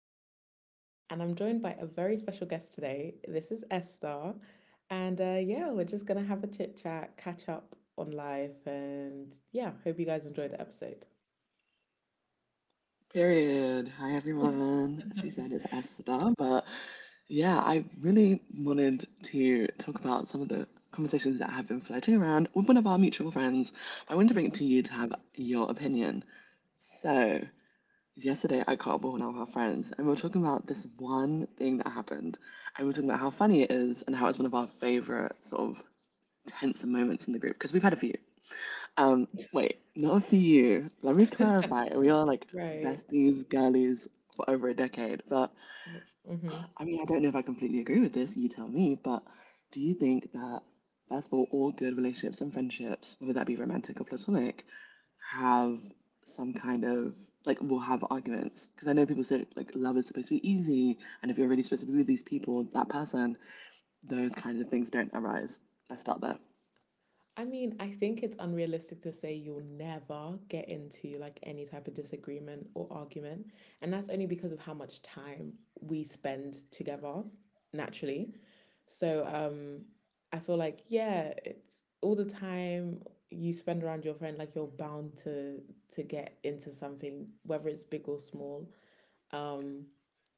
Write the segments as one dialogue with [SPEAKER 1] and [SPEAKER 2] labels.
[SPEAKER 1] Tony, and I'm joined by a very special guest today. This is Esther. And yeah, we're just going to have a chit chat, catch up on life, and yeah, hope you guys enjoyed the episode.
[SPEAKER 2] Period. Hi, everyone. She said it's Esther, but yeah, I really wanted to talk about some of the conversations that have been floating around with one of our mutual friends. I wanted to bring it to you to have your opinion. So, yesterday I caught up with one of our friends, and we were talking about this one thing that happened, and we were talking about how funny it is and how it's one of our favorite sort of tense moments in the group because we've had a few. Um, Wait, not for you. Let me clarify. We are like
[SPEAKER 1] Right.
[SPEAKER 2] besties, girlies for over a decade. But
[SPEAKER 1] Mm-hmm.
[SPEAKER 2] I mean, I don't know if I completely agree with this. You tell me. But do you think that, first of all good relationships and friendships, whether that be romantic or platonic, have some kind of like will have arguments? Because I know people say like love is supposed to be easy, and if you're really supposed to be with these people, that person, those kinds of things don't arise. Let's start there.
[SPEAKER 1] I mean, I think it's unrealistic to say you'll never get into like any type of disagreement or argument. And that's only because of how much time we spend together naturally. So I feel like yeah, it's all the time you spend around your friend like you're bound to get into something whether it's big or small. Um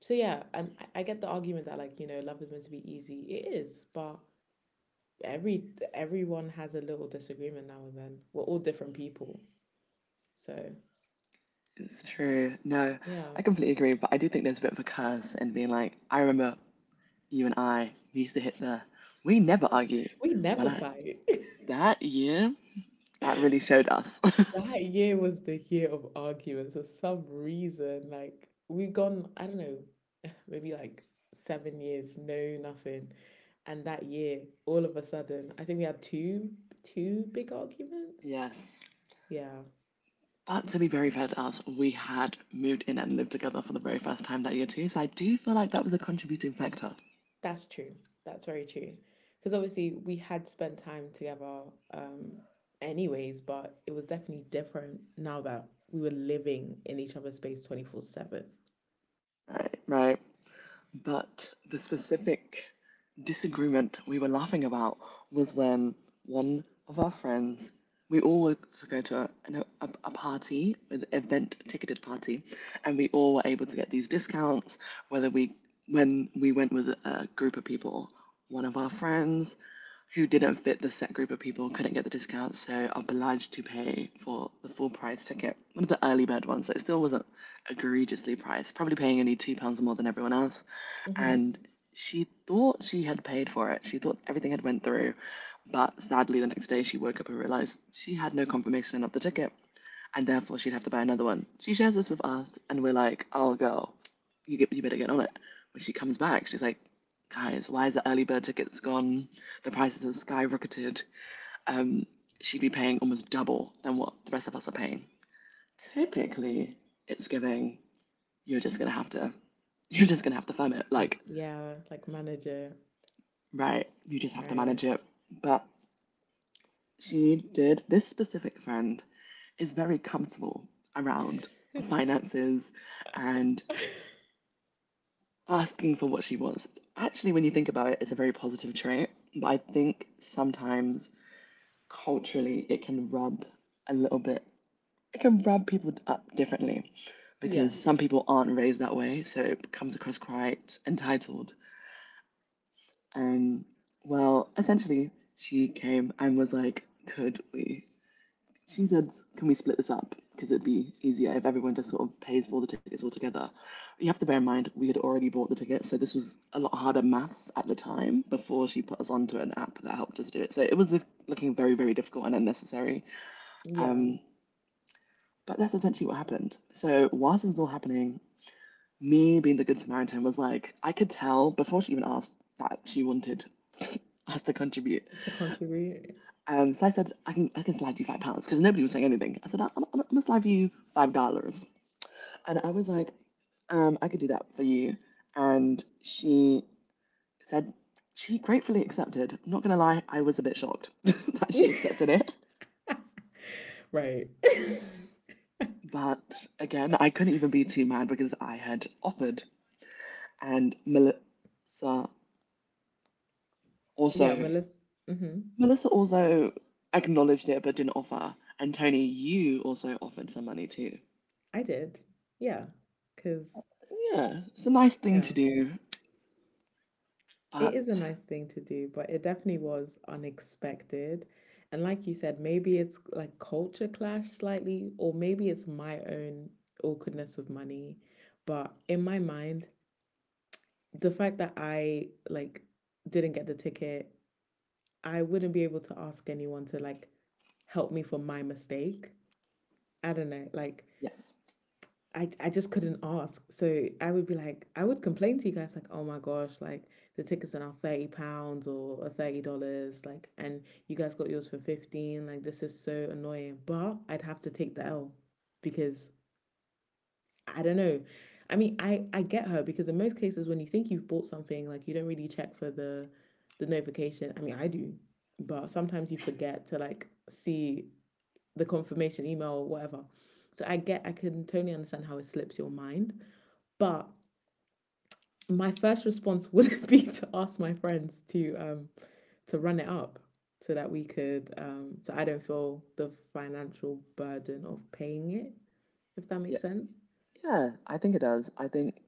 [SPEAKER 1] so yeah, and I get the argument that like, love is meant to be easy. It is, but every everyone has a little disagreement now and then. We're all different people. So,
[SPEAKER 2] It's true. No,
[SPEAKER 1] yeah.
[SPEAKER 2] I completely agree, but I do think there's a bit of a curse in being like, I remember you and I we used to hit the we never argue.
[SPEAKER 1] We
[SPEAKER 2] When
[SPEAKER 1] never
[SPEAKER 2] I
[SPEAKER 1] fight.
[SPEAKER 2] That year, that really showed us.
[SPEAKER 1] That year was the year of arguments for some reason. Like we've gone, I don't know, maybe like 7 years, no nothing. And that year, all of a sudden, I think we had two big arguments.
[SPEAKER 2] Yes.
[SPEAKER 1] Yeah.
[SPEAKER 2] But to be very
[SPEAKER 1] Yeah.
[SPEAKER 2] fair to us, we had moved in and lived together for the very first time that year too, so I do feel like that was a contributing factor.
[SPEAKER 1] That's true. That's very true. Because obviously we had spent time together, um, anyways, but it was definitely different now that we were living in each other's space 24/7.
[SPEAKER 2] Right, right. But the specific disagreement we were laughing about was when one of our friends, we all were to go to a party, an event ticketed party, and we all were able to get these discounts. Whether we, when we went with a group of people, one of our friends, who didn't fit the set group of people couldn't get the discount, so obliged to pay for the full price ticket, one of the early bird ones. So it still wasn't egregiously priced, probably paying only £2 more than everyone else.
[SPEAKER 1] Mm-hmm.
[SPEAKER 2] And she thought she had paid for it. She thought everything had went through, but sadly the next day she woke up and realized she had no confirmation of the ticket and therefore she'd have to buy another one. She shares this with us, and we're like, "Oh, girl, you better get on it." When she comes back, she's like, "Guys, why is the early bird tickets gone? The prices have skyrocketed. Um, She'd be paying almost double than what the rest of us are paying." Typically, it's giving. You're just gonna have to. You're just gonna have to firm it. Like,
[SPEAKER 1] Yeah, like manager,
[SPEAKER 2] right? You just have to manage
[SPEAKER 1] right?
[SPEAKER 2] it. But she did. This specific friend is very comfortable around finances and asking for what she wants. Actually, when you think about it, it's a very positive trait. But I think sometimes culturally it can rub a little bit, it can rub people up differently
[SPEAKER 1] Yeah,
[SPEAKER 2] because some people aren't raised that way. So it comes across quite entitled. Um, well, essentially, she came and was like, Could we she said, "Can we split this up? Because it'd be easier if everyone just sort of pays for the tickets altogether." You have to bear in mind we had already bought the tickets, so this was a lot harder maths at the time before she put us onto an app that helped us do it. So it was looking very, very difficult and unnecessary.
[SPEAKER 1] yeah,
[SPEAKER 2] Um, but that's essentially what happened. So whilst this was all happening, me being the good Samaritan was like, I could tell before she even asked that she wanted us to contribute.
[SPEAKER 1] to contribute,
[SPEAKER 2] So I said, I can slide you £5 because nobody was saying anything. I said, I'm going to slide you $5. And I was like, I could do that for you. And she said, she gratefully accepted. I'm not going to lie, I was a bit shocked that she accepted it.
[SPEAKER 1] right?
[SPEAKER 2] But again, I couldn't even be too mad because I had offered. And
[SPEAKER 1] Yeah,
[SPEAKER 2] also,
[SPEAKER 1] Melissa. Mm-hmm.
[SPEAKER 2] Melissa also acknowledged it but didn't offer. And Tony, you also offered some money too.
[SPEAKER 1] I did. Yeah, because,
[SPEAKER 2] So, yeah, it's a nice thing to
[SPEAKER 1] yeah.
[SPEAKER 2] do.
[SPEAKER 1] It
[SPEAKER 2] But
[SPEAKER 1] is a nice thing to do, but it definitely was unexpected. And like you said, maybe it's like culture clash slightly, or maybe it's my own awkwardness with money. But in my mind, the fact that I like didn't get the ticket, I wouldn't be able to ask anyone to like help me for my mistake. I don't know. Like
[SPEAKER 2] yes,
[SPEAKER 1] I just couldn't ask. So I would be like, I would complain to you guys like, oh my gosh, like the tickets are now £30 or $30, like, and you guys got yours for 15. Like this is so annoying. But I'd have to take the L because I don't know. I mean, I get her because in most cases when you think you've bought something, like you don't really check for the notification. I mean, I do, but sometimes you forget to like see the confirmation email or whatever. So I get, I can totally understand how it slips your mind, but my first response wouldn't be to ask my friends to run it up so that we could, so I don't feel the financial burden of paying it, if that
[SPEAKER 2] yeah,
[SPEAKER 1] makes sense.
[SPEAKER 2] yeah, I think it does. I think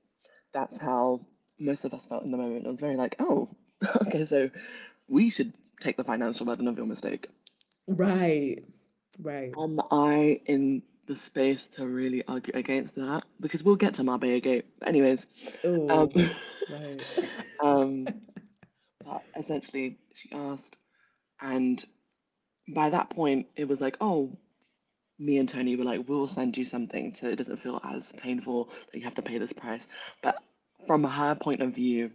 [SPEAKER 2] that's how most of us felt in the moment. It was very like, oh, okay, so we should take the financial burden of your mistake.
[SPEAKER 1] Right, right.
[SPEAKER 2] Am I in the space to really argue against that? Because we'll get to Marbella Gate. But anyways, um,
[SPEAKER 1] Oh, right.
[SPEAKER 2] um, but essentially, she asked, and by that point, it was like, oh, me and Tony were like, we'll send you something so it doesn't feel as painful that you have to pay this price. But from her point of view,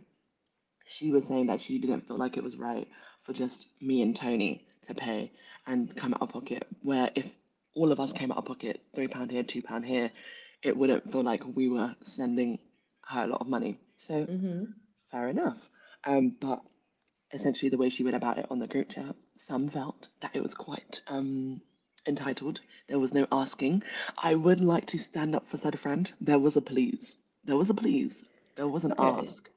[SPEAKER 2] she was saying that she didn't feel like it was right for just me and Tony to pay and come out of pocket. Where if all of us came out of pocket, £3 here, £2 here, it wouldn't feel like we were sending her a lot of money. So
[SPEAKER 1] Mm-hmm.
[SPEAKER 2] fair enough. But essentially the way she went about it on the group chat, some felt that it was quite entitled. There was no asking. I would like to stand up for said friend. There was a please. There was a please. There was an
[SPEAKER 1] Okay.
[SPEAKER 2] ask.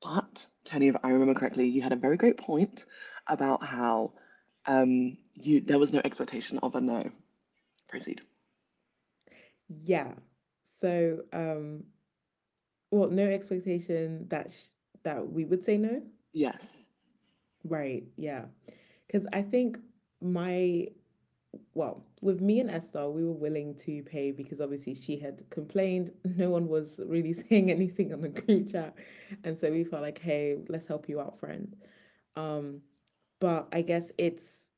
[SPEAKER 2] But, Tony, if I remember correctly, you had a very great point about how you there was no expectation of a no. Proceed.
[SPEAKER 1] Yeah. So, well, no expectation that that we would say no.
[SPEAKER 2] Yes.
[SPEAKER 1] Right. Yeah. Cuz I think my well, with me and Esther, we were willing to pay because obviously she had complained. No one was really saying anything on the group chat. And so we felt like, hey, let's help you out, friend. Um, but I guess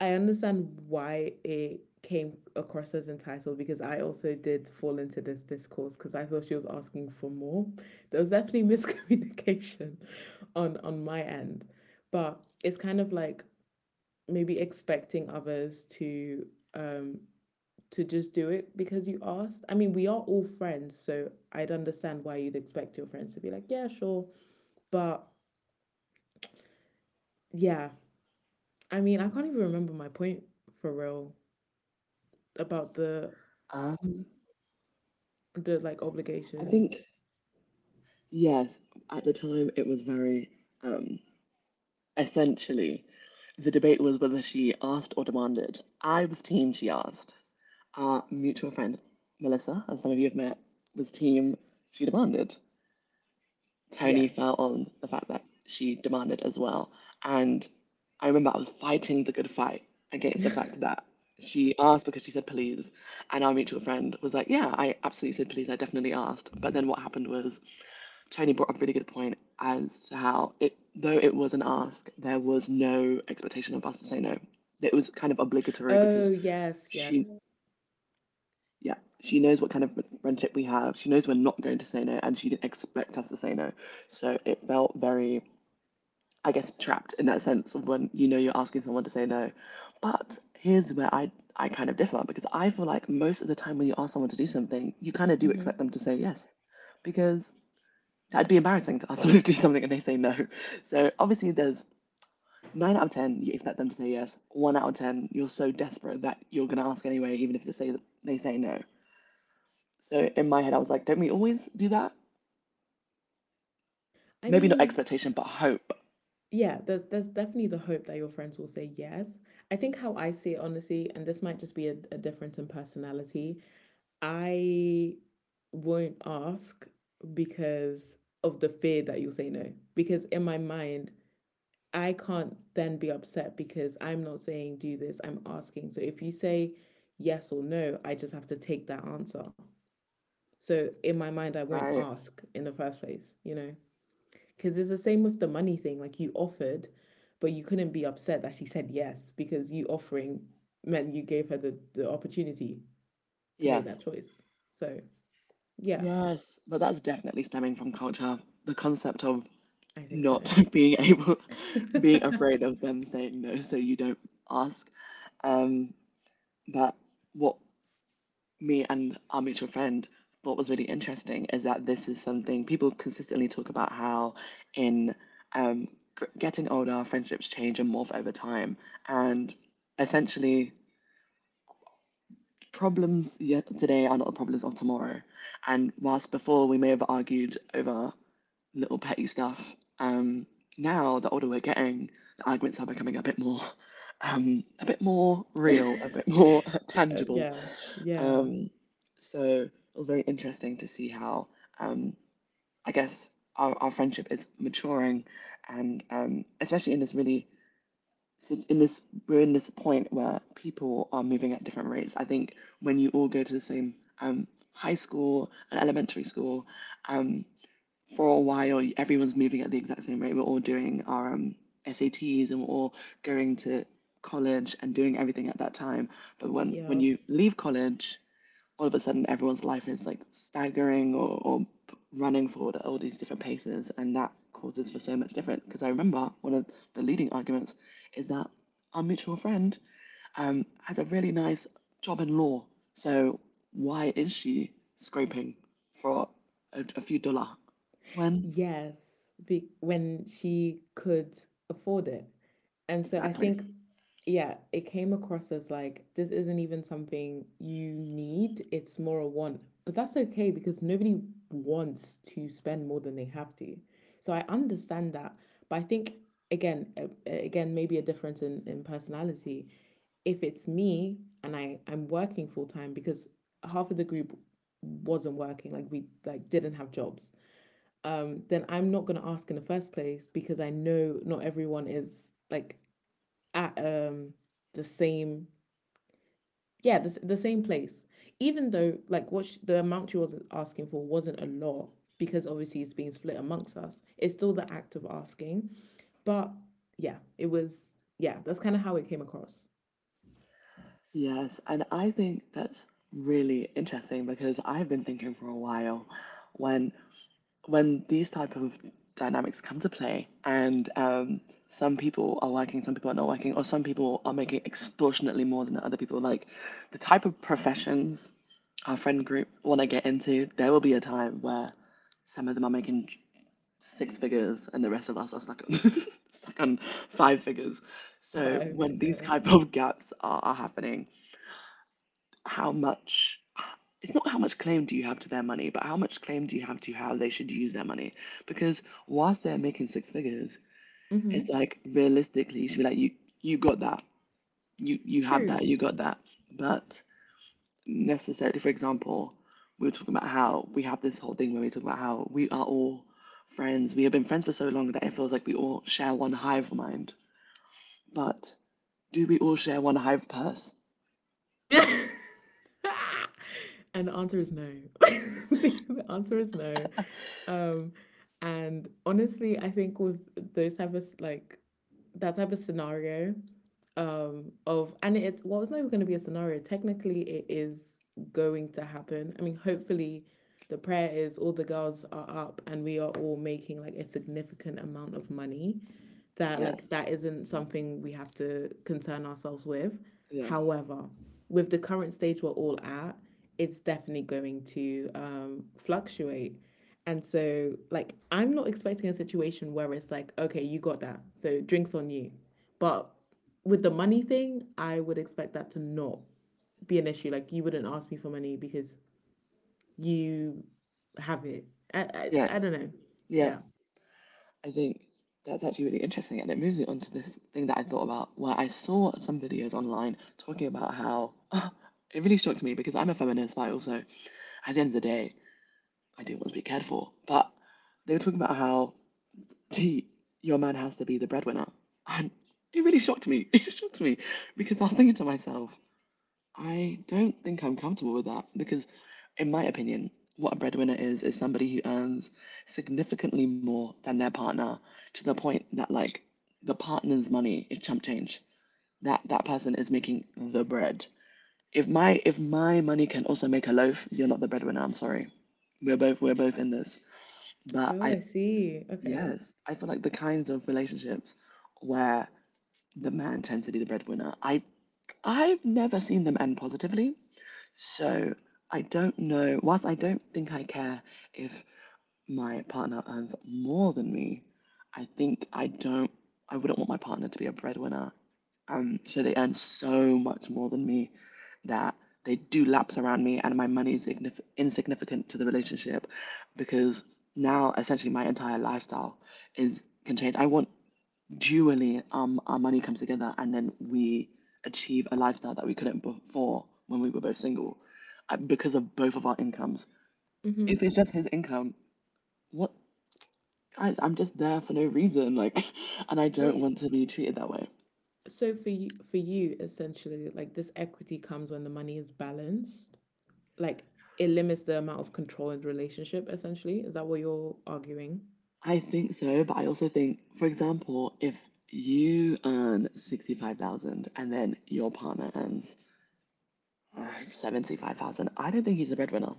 [SPEAKER 1] I understand why it came across as entitled because I also did fall into this discourse because I thought she was asking for more. There was definitely miscommunication on my end. But it's kind of like maybe expecting others um to just do it because you asked. I mean, we are all friends, so I'd understand why you'd expect your friends to be like, "Yeah, sure." But yeah, I mean, I can't even remember my point, for real, about the
[SPEAKER 2] Um,
[SPEAKER 1] the like
[SPEAKER 2] I
[SPEAKER 1] obligation.
[SPEAKER 2] think, yes, at the time it was very. um, Essentially, the debate was whether she asked or demanded. I was team she asked. Our mutual friend, Melissa, as some of you have met, was team she demanded. Tony fell
[SPEAKER 1] Yes.
[SPEAKER 2] on the fact that she demanded as well. And I remember I was fighting the good fight against the fact that she asked because she said please. And our mutual friend was like, yeah, I absolutely said please. I definitely asked. But then what happened was Tony brought up a really good point as to how it, though it was an ask, there was no expectation of us to say no. It was kind of obligatory
[SPEAKER 1] Oh,
[SPEAKER 2] because
[SPEAKER 1] yes,
[SPEAKER 2] she,
[SPEAKER 1] yes.
[SPEAKER 2] yeah, she knows what kind of friendship we have. She knows we're not going to say no, and she didn't expect us to say no. So it felt very, I guess, trapped in that sense of when you know you're asking someone to say no. But here's where I kind of differ because I feel like most of the time when you ask someone to do something, you kind of do
[SPEAKER 1] hmm
[SPEAKER 2] expect them to say yes, because that'd be embarrassing to ask someone to do something and they say no. So obviously, there's nine out of ten you expect them to say yes. One out of ten you're so desperate that you're gonna ask anyway, even if they say no. So in my head, I was like, don't we always do that?
[SPEAKER 1] I
[SPEAKER 2] Maybe not
[SPEAKER 1] mean,
[SPEAKER 2] expectation, but hope,
[SPEAKER 1] yeah, there's definitely the hope that your friends will say yes. I think how I see it honestly, and this might just be a difference in personality, I won't ask because of the fear that you'll say no. Because in my mind, I can't then be upset because I'm not saying do this, I'm asking. So if you say yes or no, I just have to take that answer. So in my mind, I won't
[SPEAKER 2] right?
[SPEAKER 1] ask in the first place, you know? Because it's the same with the money thing. Like you offered, but you couldn't be upset that she said yes because you offering meant you gave her the opportunity to make
[SPEAKER 2] Yes,
[SPEAKER 1] that choice. So, yeah,
[SPEAKER 2] yes. But that's definitely stemming from culture. The concept of
[SPEAKER 1] I think so.
[SPEAKER 2] not being afraid of them saying no, so you don't ask. Um, but what me and our mutual friend thought was really interesting is that this is something people consistently talk about how in um, getting older, friendships change and morph over time. And essentially, today are not the problems of tomorrow. And whilst before we may have argued over little petty stuff, um, now the older we're getting, the arguments are becoming a bit more. A bit more real, a bit more tangible,
[SPEAKER 1] Yeah, yeah,
[SPEAKER 2] um, so it was very interesting to see how um, I guess our friendship is maturing, and especially in this really si, in this we're in this point where people are moving at different rates. I think when you all go to the same um, high school and elementary school, um, for a while everyone's moving at the exact same rate. We're all doing our SATs and we're all going to college and doing everything at that time. But when
[SPEAKER 1] yeah.
[SPEAKER 2] you leave college, all of a sudden everyone's life is like staggering or running forward at all these different paces, and that causes for so much different because I remember one of the leading arguments is that our mutual friend has a really nice job in law. So why is she scraping for a few dollar when?
[SPEAKER 1] Yes, when she could afford it. And so I
[SPEAKER 2] Exactly.
[SPEAKER 1] think, yeah, it came across as like this isn't even something you need, it's more a want. But that's okay because nobody wants to spend more than they have to. So I understand that, but I think, again, maybe a difference in personality. If it's me, and I'm working full time because half of the group wasn't working, like we like didn't have jobs. Then I'm not going to ask in the first place because I know not everyone is like at the same yeah the, s- the same place, even though like the amount she was asking for wasn't a lot. Because obviously it's being split amongst us, it's still the act of asking, but yeah, it was, yeah, that's kind of how it came across.
[SPEAKER 2] Yes, and I think that's really interesting because I've been thinking for a while when when these type of dynamics come to play. And some people are working, some people are not working, or some people are making extortionately more than other people. Like, the type of professions our friend group want to get into, there will be a time where some of them are making six figures and the rest of us are stuck on, stuck on five figures. So
[SPEAKER 1] Five,
[SPEAKER 2] when these
[SPEAKER 1] yeah.
[SPEAKER 2] type of gaps are happening, how much — it's not how much claim do you have to their money, but how much claim do you have to how they should use their money? Because whilst they're making six figures,
[SPEAKER 1] Mm-hmm.
[SPEAKER 2] it's like realistically you should be like you got that. You have
[SPEAKER 1] True.
[SPEAKER 2] that, you got that. But necessarily, for example, we were talking about how we have this whole thing where we talk about how we are all friends. We have been friends for so long that it feels like we all share one hive mind. But do we all share one hive purse?
[SPEAKER 1] And the answer is no. The answer is no. um and honestly, I think with those type of like that type of scenario, of, and it, well, it's not even going to be a scenario, technically it is going to happen. I mean, hopefully the prayer is all the girls are up and we are all making like a significant amount of money, that like
[SPEAKER 2] Yes.
[SPEAKER 1] that isn't something we have to concern ourselves with.
[SPEAKER 2] Yes.
[SPEAKER 1] However, with the current stage we're all at, it's definitely going to fluctuate. And so like I'm not expecting a situation where it's like, okay, you got that, so drinks on you. But with the money thing, I would expect that to not be an issue. Like you wouldn't ask me for money because you have it. I
[SPEAKER 2] Yeah.
[SPEAKER 1] I, I don't know.
[SPEAKER 2] Yeah.
[SPEAKER 1] Yeah.
[SPEAKER 2] I think that's actually really interesting, and it moves me on to this thing that I thought about where I saw some videos online talking about how oh, it really shocked me because I'm a feminist, but I also, at the end of the day, I do want to be cared for. But they were talking about how gee, your man has to be the breadwinner, and it really shocked me. It shocked me because I was thinking to myself, I don't think I'm comfortable with that because, in my opinion, what a breadwinner is somebody who earns significantly more than their partner to the point that, like, the partner's money is chump change. That person is making the bread. If my money can also make a loaf, you're not the breadwinner. I'm sorry. We're both in this. But
[SPEAKER 1] Oh,
[SPEAKER 2] I
[SPEAKER 1] I see. Okay.
[SPEAKER 2] yes, I feel like the kinds of relationships where the man tends to be the breadwinner, I've never seen them end positively. So I don't know, whilst I don't think I care if my partner earns more than me, I think I don't, I wouldn't want my partner to be a breadwinner. So they earn so much more than me that they do laps around me and my money is insignificant to the relationship, because now essentially my entire lifestyle is can change. I want dually, our money comes together and then we achieve a lifestyle that we couldn't before when we were both single, because of both of our incomes.
[SPEAKER 1] Mm-hmm.
[SPEAKER 2] If it's just his income, what — guys, I'm just there for no reason, like, and I don't
[SPEAKER 1] Wait,
[SPEAKER 2] want to be treated that way.
[SPEAKER 1] so for you essentially like this equity comes when the money is balanced? Like it limits the amount of control in the relationship essentially? Is that what you're arguing?
[SPEAKER 2] I think so, but I also think, for example, if you earn 65,000 and then your partner earns 75,000, I don't think he's a breadwinner,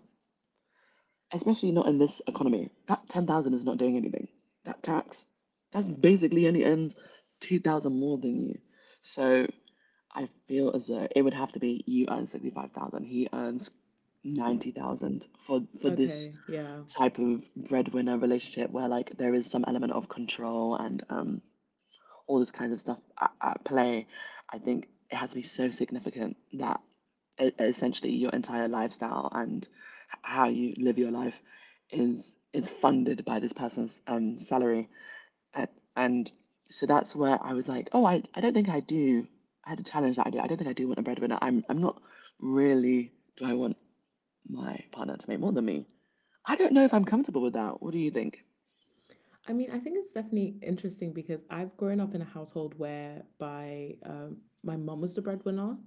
[SPEAKER 2] especially not in this economy. That 10,000 is not doing anything. That tax, that's basically only earns 2,000 more than you. So I feel as though it would have to be you earn 65,000, he earns 90,000 for this
[SPEAKER 1] Okay, yeah.
[SPEAKER 2] type of breadwinner relationship where, like, there is some element of control and all this kind of stuff at play. I think it has to be so significant that essentially your entire lifestyle and how you live your life is funded by this person's salary. And, and so that's where I was like, oh, I don't think I do. I had to challenge that idea. I don't think I do want a breadwinner. I'm not really — do I want my partner to make more than me? I don't know if I'm comfortable with that. What do you think?
[SPEAKER 1] I mean, I think it's definitely interesting because I've grown up in a household where by my mum was the breadwinner,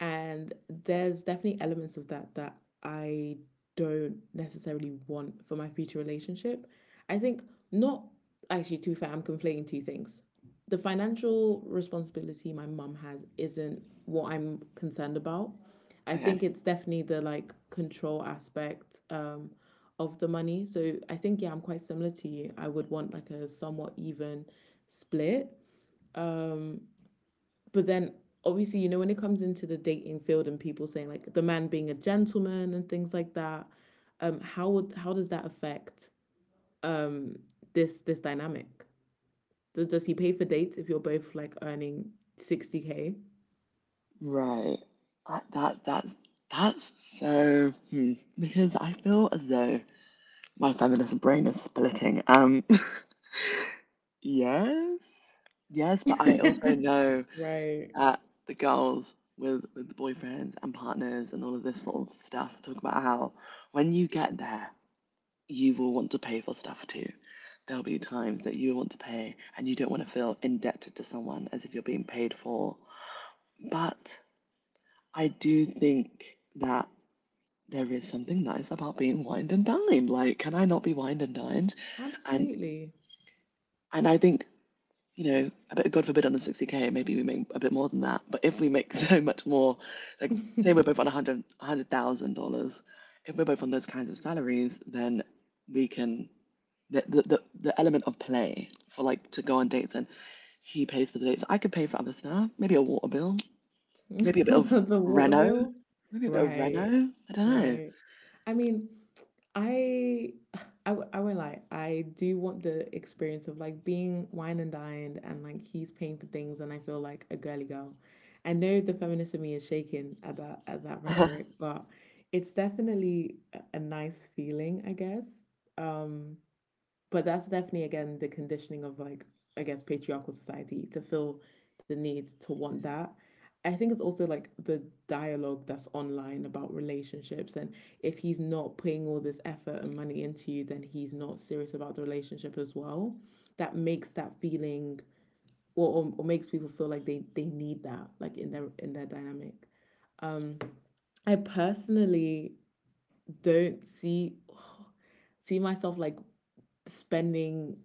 [SPEAKER 1] and there's definitely elements of that that I don't necessarily want for my future relationship. I think, not, actually, to be fair, I'm conflating two things. The financial responsibility my mum has isn't what I'm concerned about. I think
[SPEAKER 2] Okay.
[SPEAKER 1] it's definitely the like control aspect of the money. So I think, yeah, I'm quite similar to you. I would want like a somewhat even split. Um but then, obviously, when it comes into the dating field and people saying like the man being a gentleman and things like that, how would how does that affect um this dynamic? Does he pay for dates if you're both like earning 60K?
[SPEAKER 2] Right. That, that that's that's so, because I feel as though my feminist brain is splitting. Yes, yes, but I also know
[SPEAKER 1] Right.
[SPEAKER 2] that the girls with boyfriends and partners and all of this sort of stuff talk about how when you get there, you will want to pay for stuff too. There'll be times that you want to pay and you don't want to feel indebted to someone as if you're being paid for. But I do think that there is something nice about being wined and dined. Like, can I not be wined and dined? And
[SPEAKER 1] Absolutely.
[SPEAKER 2] and I think, a bit, God forbid, on a 60K, maybe we make a bit more than that. But if we make so much more, like, say we're both on a hundred thousand dollars, if we're both on those kinds of salaries, then we can the element of play for, like, to go on dates and he pays for the dates. I could pay for other stuff, maybe a water bill, maybe a bit of
[SPEAKER 1] The water
[SPEAKER 2] reno,
[SPEAKER 1] bill.
[SPEAKER 2] maybe a bit of
[SPEAKER 1] Right.
[SPEAKER 2] reno. I don't
[SPEAKER 1] Right. I mean, I, I, I I won't lie. I do want the experience of like being wine and dined and like he's paying for things, and I feel like a girly girl. I know the feminist in me is shaking at that
[SPEAKER 2] know.
[SPEAKER 1] rhetoric, but it's definitely a nice feeling, I guess. Um, but that's definitely again the conditioning of like, I guess, patriarchal society, to feel the need to want that. I think it's also like the dialogue that's online about relationships and if he's not putting all this effort and money into you, then he's not serious about the relationship as well. That makes that feeling, or makes people feel like they need that like in their dynamic. Um I personally don't see myself like spending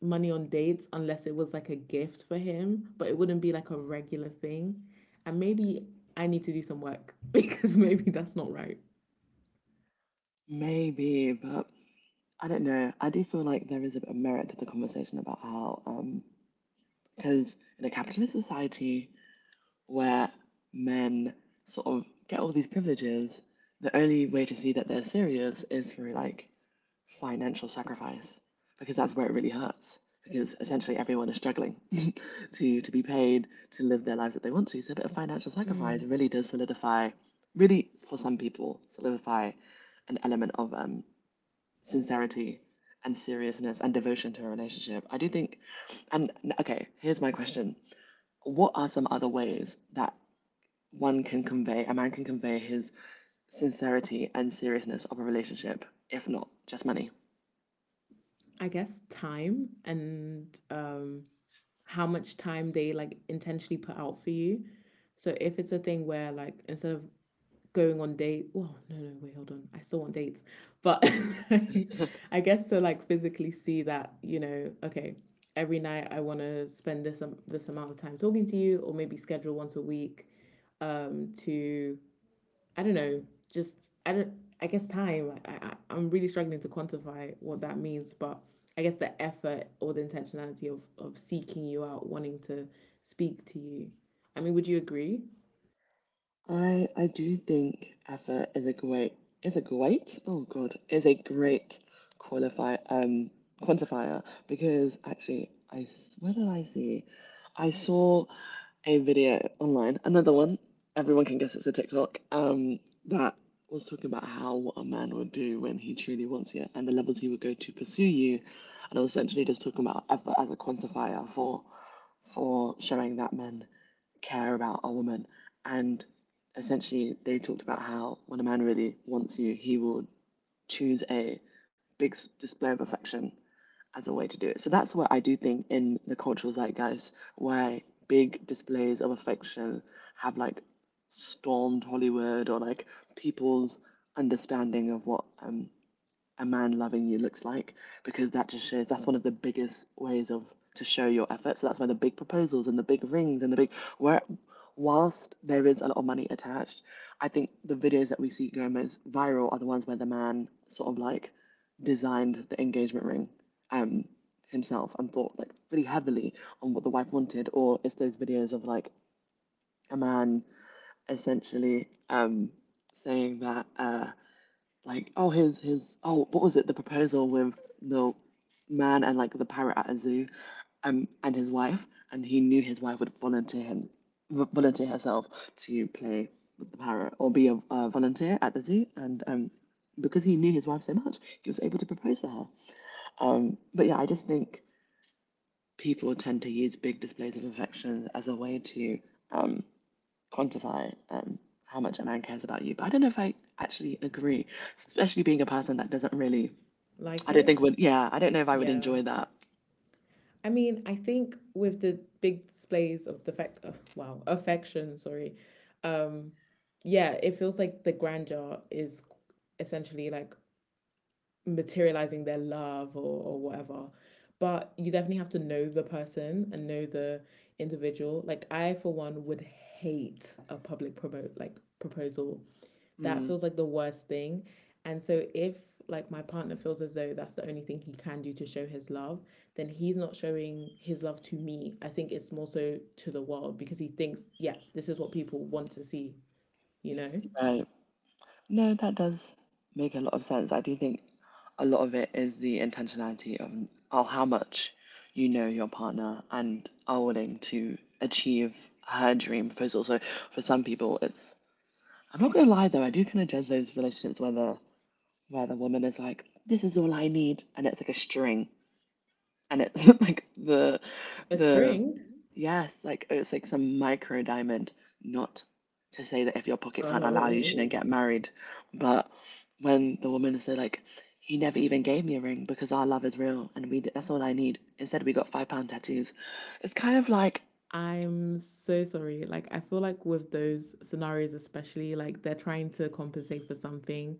[SPEAKER 1] money on dates unless it was like a gift for him, but it wouldn't be like a regular thing. And maybe I need to do some work, because maybe that's not right.
[SPEAKER 2] Maybe, but I don't know. I do feel like there is a bit of merit to the conversation about how, because in a capitalist society where men sort of get all these privileges, the only way to see that they're serious is through, like, financial sacrifice, because that's where it really hurts. Because essentially everyone is struggling to be paid to live their lives that they want to. So a bit of financial sacrifice
[SPEAKER 1] Mm.
[SPEAKER 2] really does solidify, really for some people, solidify an element of sincerity and seriousness and devotion to a relationship. I do think — and okay, here's my question: what are some other ways that one can convey — a man can convey his sincerity and seriousness of a relationship, if not just money?
[SPEAKER 1] I guess time, and how much time they like intentionally put out for you. So if it's a thing where like instead of going on date. Oh no, no, wait, hold on. I still want dates, but I guess to like physically see that, you know, okay, every night I want to spend this amount of time talking to you, or maybe schedule once a week, to, I don't know, just I don't. I guess time. I'm really struggling to quantify what that means, but I guess the effort or the intentionality of seeking you out, wanting to speak to you. I mean, would you agree?
[SPEAKER 2] I do think effort is a great oh God is a great qualify quantifier because, actually, where did I see I saw a video online, another one, everyone can guess it's a TikTok, that was talking about how what a man would do when he truly wants you and the levels he would go to pursue you, and I was essentially just talking about effort as a quantifier for showing that men care about a woman. And essentially they talked about how when a man really wants you, he will choose a big display of affection as a way to do it. So that's what I do think in the cultural zeitgeist — why big displays of affection have like stormed Hollywood or, like, people's understanding of what a man loving you looks like, because that just shows that's one of the biggest ways of — to show your effort. So that's why the big proposals and the big rings and the big — where whilst there is a lot of money attached, I think the videos that we see go most viral are the ones where the man sort of like designed the engagement ring um himself and thought, like, really heavily on what the wife wanted. Or it's those videos of, like, a man essentially saying that like, oh, his oh, what was it? The proposal with the man and, like, the parrot at a zoo, and his wife — and he knew his wife would volunteer him, volunteer herself to play with the parrot or be a volunteer at the zoo. And because he knew his wife so much, he was able to propose to her. But yeah, I just think people tend to use big displays of affection as a way to quantify, how much a man cares about you. But I don't know if I actually agree, especially being a person that doesn't really —
[SPEAKER 1] Like
[SPEAKER 2] I don't
[SPEAKER 1] it?
[SPEAKER 2] think — would yeah, I don't know if I would
[SPEAKER 1] Yeah.
[SPEAKER 2] enjoy that.
[SPEAKER 1] I mean, I think with the big displays of defect, oh, wow, affection, sorry. Um, yeah, it feels like the grandeur is essentially like materializing their love, or whatever. But you definitely have to know the person and know the individual. Like I, for one, would hate a public promote like proposal. That
[SPEAKER 2] Mm,
[SPEAKER 1] feels like the worst thing. And so if like my partner feels as though that's the only thing he can do to show his love, then he's not showing his love to me. I think it's more so to the world because he thinks, yeah, this is what people want to see, you know?
[SPEAKER 2] right. No, that does make a lot of sense. I do think a lot of it is the intentionality of how much you know your partner and are willing to achieve her dream proposal. So for some people, it's I'm not gonna lie though, I do kind of judge those relationships where the woman is like, "This is all I need," and it's like a string. And it's like the
[SPEAKER 1] A
[SPEAKER 2] the
[SPEAKER 1] string?
[SPEAKER 2] yes, like it's like some micro diamond. Not to say that if your pocket can't allow you, you
[SPEAKER 1] Oh.
[SPEAKER 2] shouldn't get married. But when the woman said, like, he never even gave me a ring because our love is real, and we that's all I need. Instead, we got £5 tattoos. It's kind of like —
[SPEAKER 1] I'm so sorry. Like, I feel like with those scenarios, especially, like they're trying to compensate for something.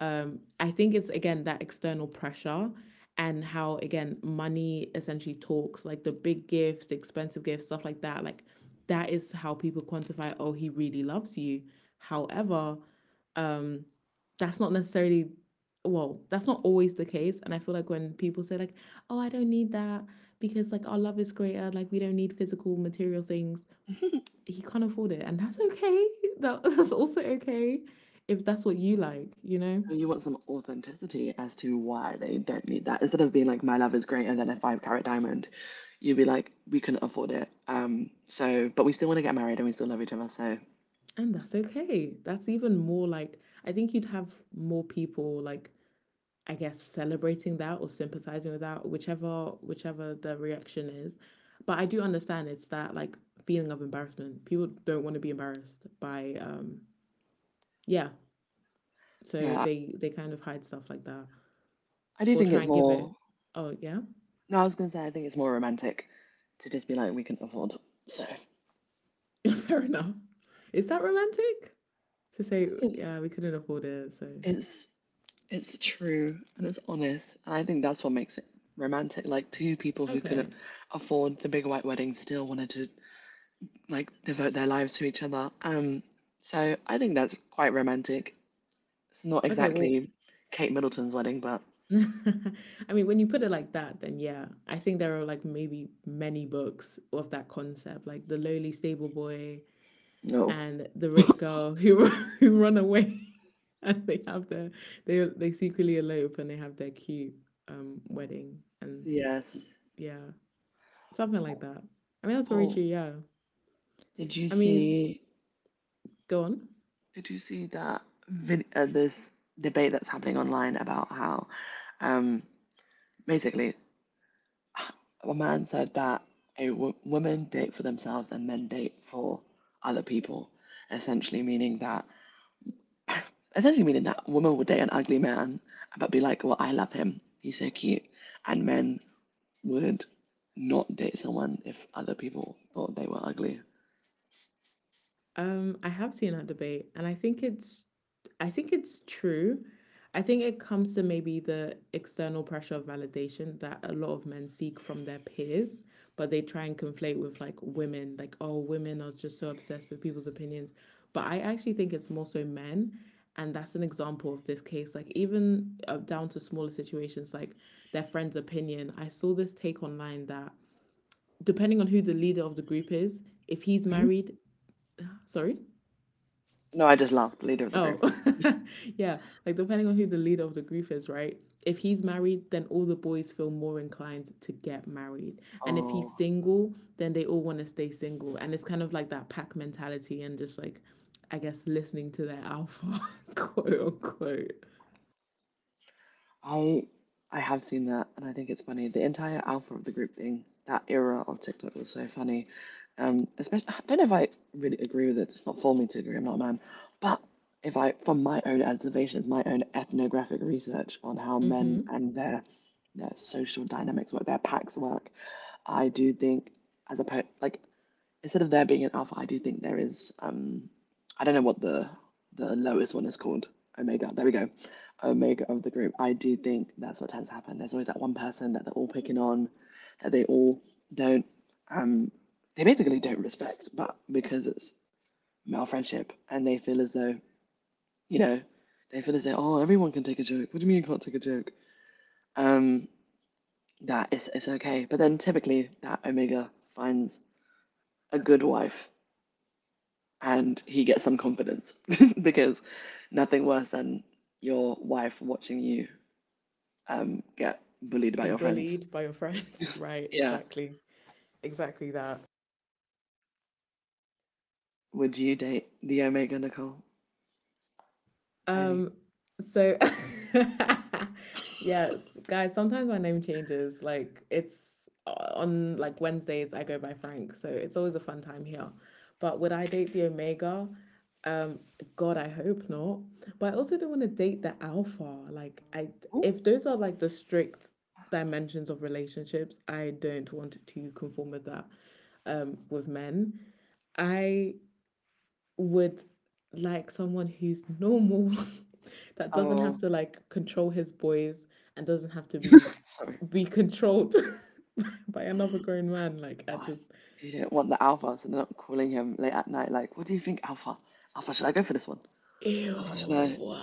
[SPEAKER 1] I think it's again that external pressure and how, again, money essentially talks, like the big gifts, the expensive gifts, stuff like that. Like, that is how people quantify, oh, he really loves you. However, um, that's not necessarily well, that's not always the case. And I feel like when people say like, "Oh, I don't need that because like our love is greater, like we don't need physical material things." He can't afford it, and that's okay. That's also okay if that's what you like, you know?
[SPEAKER 2] so you want some authenticity as to why they don't need that. Instead of being like, my love is greater than a five carat diamond, you'd be like, we couldn't afford it. So, but we still want to get married and we still love each other. So,
[SPEAKER 1] And that's okay. That's even more like, I think you'd have more people like, I guess, celebrating that or sympathizing with that, whichever the reaction is. But I do understand, it's that like feeling of embarrassment. People don't want to be embarrassed by yeah, so
[SPEAKER 2] yeah,
[SPEAKER 1] they kind of hide stuff like that
[SPEAKER 2] I do
[SPEAKER 1] or
[SPEAKER 2] think
[SPEAKER 1] try
[SPEAKER 2] it's
[SPEAKER 1] and give it.
[SPEAKER 2] more.
[SPEAKER 1] Oh yeah,
[SPEAKER 2] No, I was gonna say I think it's more romantic to just be like we can afford. So
[SPEAKER 1] fair enough. Is that romantic to say?
[SPEAKER 2] it's
[SPEAKER 1] Yeah, we couldn't afford it. So
[SPEAKER 2] it's it's true and it's honest, and I think that's what makes it romantic. Like two people who couldn't
[SPEAKER 1] okay,
[SPEAKER 2] afford the big white wedding still wanted to devote their lives to each other. So I think that's quite romantic. It's not
[SPEAKER 1] okay. Well,
[SPEAKER 2] exactly Kate Middleton's wedding, but
[SPEAKER 1] I mean, when you put it like that, then yeah, I think there are like maybe many books of that concept, like the lowly stable boy
[SPEAKER 2] no.
[SPEAKER 1] and the rich girl who who run away. And they have their they secretly elope and they have their cute wedding, and
[SPEAKER 2] Yes.
[SPEAKER 1] yeah, something like that. I mean, that's very true.
[SPEAKER 2] Oh,
[SPEAKER 1] Yeah.
[SPEAKER 2] did you
[SPEAKER 1] I mean,
[SPEAKER 2] see?
[SPEAKER 1] go on.
[SPEAKER 2] Did you see that this debate that's happening online about how, um, basically, a man said that women date for themselves and men date for other people, essentially meaning that, essentially meaning that women would date an ugly man but be like, "Well, I love him. He's so cute," and men would not date someone if other people thought they were ugly.
[SPEAKER 1] I have seen that debate, and I think it's true. I think it comes to maybe the external pressure of validation that a lot of men seek from their peers, but they try and conflate with like women, like, oh, women are just so obsessed with people's opinions. But I actually think it's more so men. And that's an example of this case. Like, even down to smaller situations, like their friend's opinion. I saw this take online that depending on who the leader of the group is, if he's
[SPEAKER 2] Mhm.
[SPEAKER 1] married, sorry.
[SPEAKER 2] No, I just laughed. Leader of the group.
[SPEAKER 1] Oh, yeah. Like, depending on who the leader of the group is, right? If he's married, then all the boys feel more inclined to get married. And if he's
[SPEAKER 2] Oh.
[SPEAKER 1] single, then they all want to stay single. And it's kind of like that pack mentality, and just like, I guess, listening to their alpha, quote unquote.
[SPEAKER 2] I I have seen that, and I think it's funny. The entire alpha of the group thing, that era of TikTok was so funny. Especially, I don't know if I really agree with it. It's not for me to agree. I'm not a man, but if I, from my own observations, my own ethnographic research on how
[SPEAKER 1] Mm
[SPEAKER 2] men
[SPEAKER 1] hmm.
[SPEAKER 2] and their social dynamics work, their packs work, I do think as a po like instead of there being an alpha, I do think there is I don't know what the lowest one is called. Omega. There we go. Omega of the group. I do think that's what tends to happen. There's always that one person that they're all picking on, that they all don't they basically don't respect, but because it's male friendship and they feel as though, you know, they feel as though, oh, everyone can take a joke. What do you mean you can't take a joke? Um, that it's okay. But then typically that Omega finds a good wife and he gets some confidence because nothing worse than your wife watching you get bullied by
[SPEAKER 1] Be
[SPEAKER 2] your friends.
[SPEAKER 1] bullied by your friends. Right,
[SPEAKER 2] Yeah.
[SPEAKER 1] exactly. Exactly that.
[SPEAKER 2] Would you date the Omega, Nicole Tony?
[SPEAKER 1] Um, so yes, guys, sometimes my name changes. Like, it's on like Wednesdays I go by Frank, so it's always a fun time here. But would I date the Omega? Um, God, I hope not. But I also don't want to date the Alpha. Like I
[SPEAKER 2] Oh,
[SPEAKER 1] if those are like the strict dimensions of relationships, I don't want to conform with that, with men. I would like someone who's normal that doesn't have
[SPEAKER 2] oh,
[SPEAKER 1] to like control his boys and doesn't have to be
[SPEAKER 2] sorry.
[SPEAKER 1] be controlled by another grown man, like I
[SPEAKER 2] Right.
[SPEAKER 1] just,
[SPEAKER 2] You do not want the Alpha, so they're not calling him late at night. Like, what do you think, Alpha? Alpha, should I go for this one? Alpha, should I?
[SPEAKER 1] ew.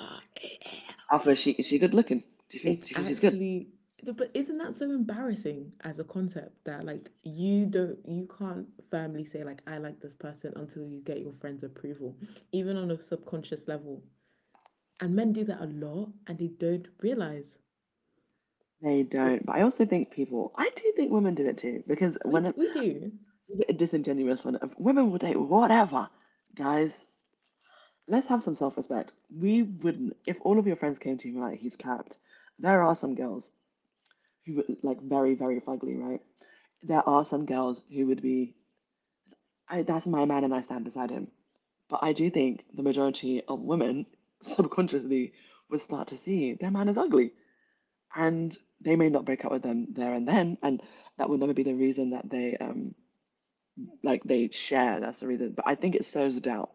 [SPEAKER 2] Alpha, is she good looking? Do you think?
[SPEAKER 1] it's
[SPEAKER 2] Do you think she's good?
[SPEAKER 1] actually but isn't that so embarrassing as a concept, that like you can't firmly say like I like this person until you get your friend's approval, even on a subconscious level, and men do that a lot and they don't realize.
[SPEAKER 2] They don't. But I also think people. I do think women do it too because
[SPEAKER 1] We
[SPEAKER 2] when
[SPEAKER 1] d-
[SPEAKER 2] it's
[SPEAKER 1] we do.
[SPEAKER 2] a bit disingenuous when women will date whatever. Guys, let's have some self respect. We wouldn't, if all of your friends came to you and were like, he's capped, there are some girls who were like very, very fugly, right? There are some girls who would be, I, that's my man and I stand beside him. But I do think the majority of women subconsciously would start to see their man is ugly. And they may not break up with them there and then. And that would never be the reason that they like they share. That's the reason. But I think it sows a doubt.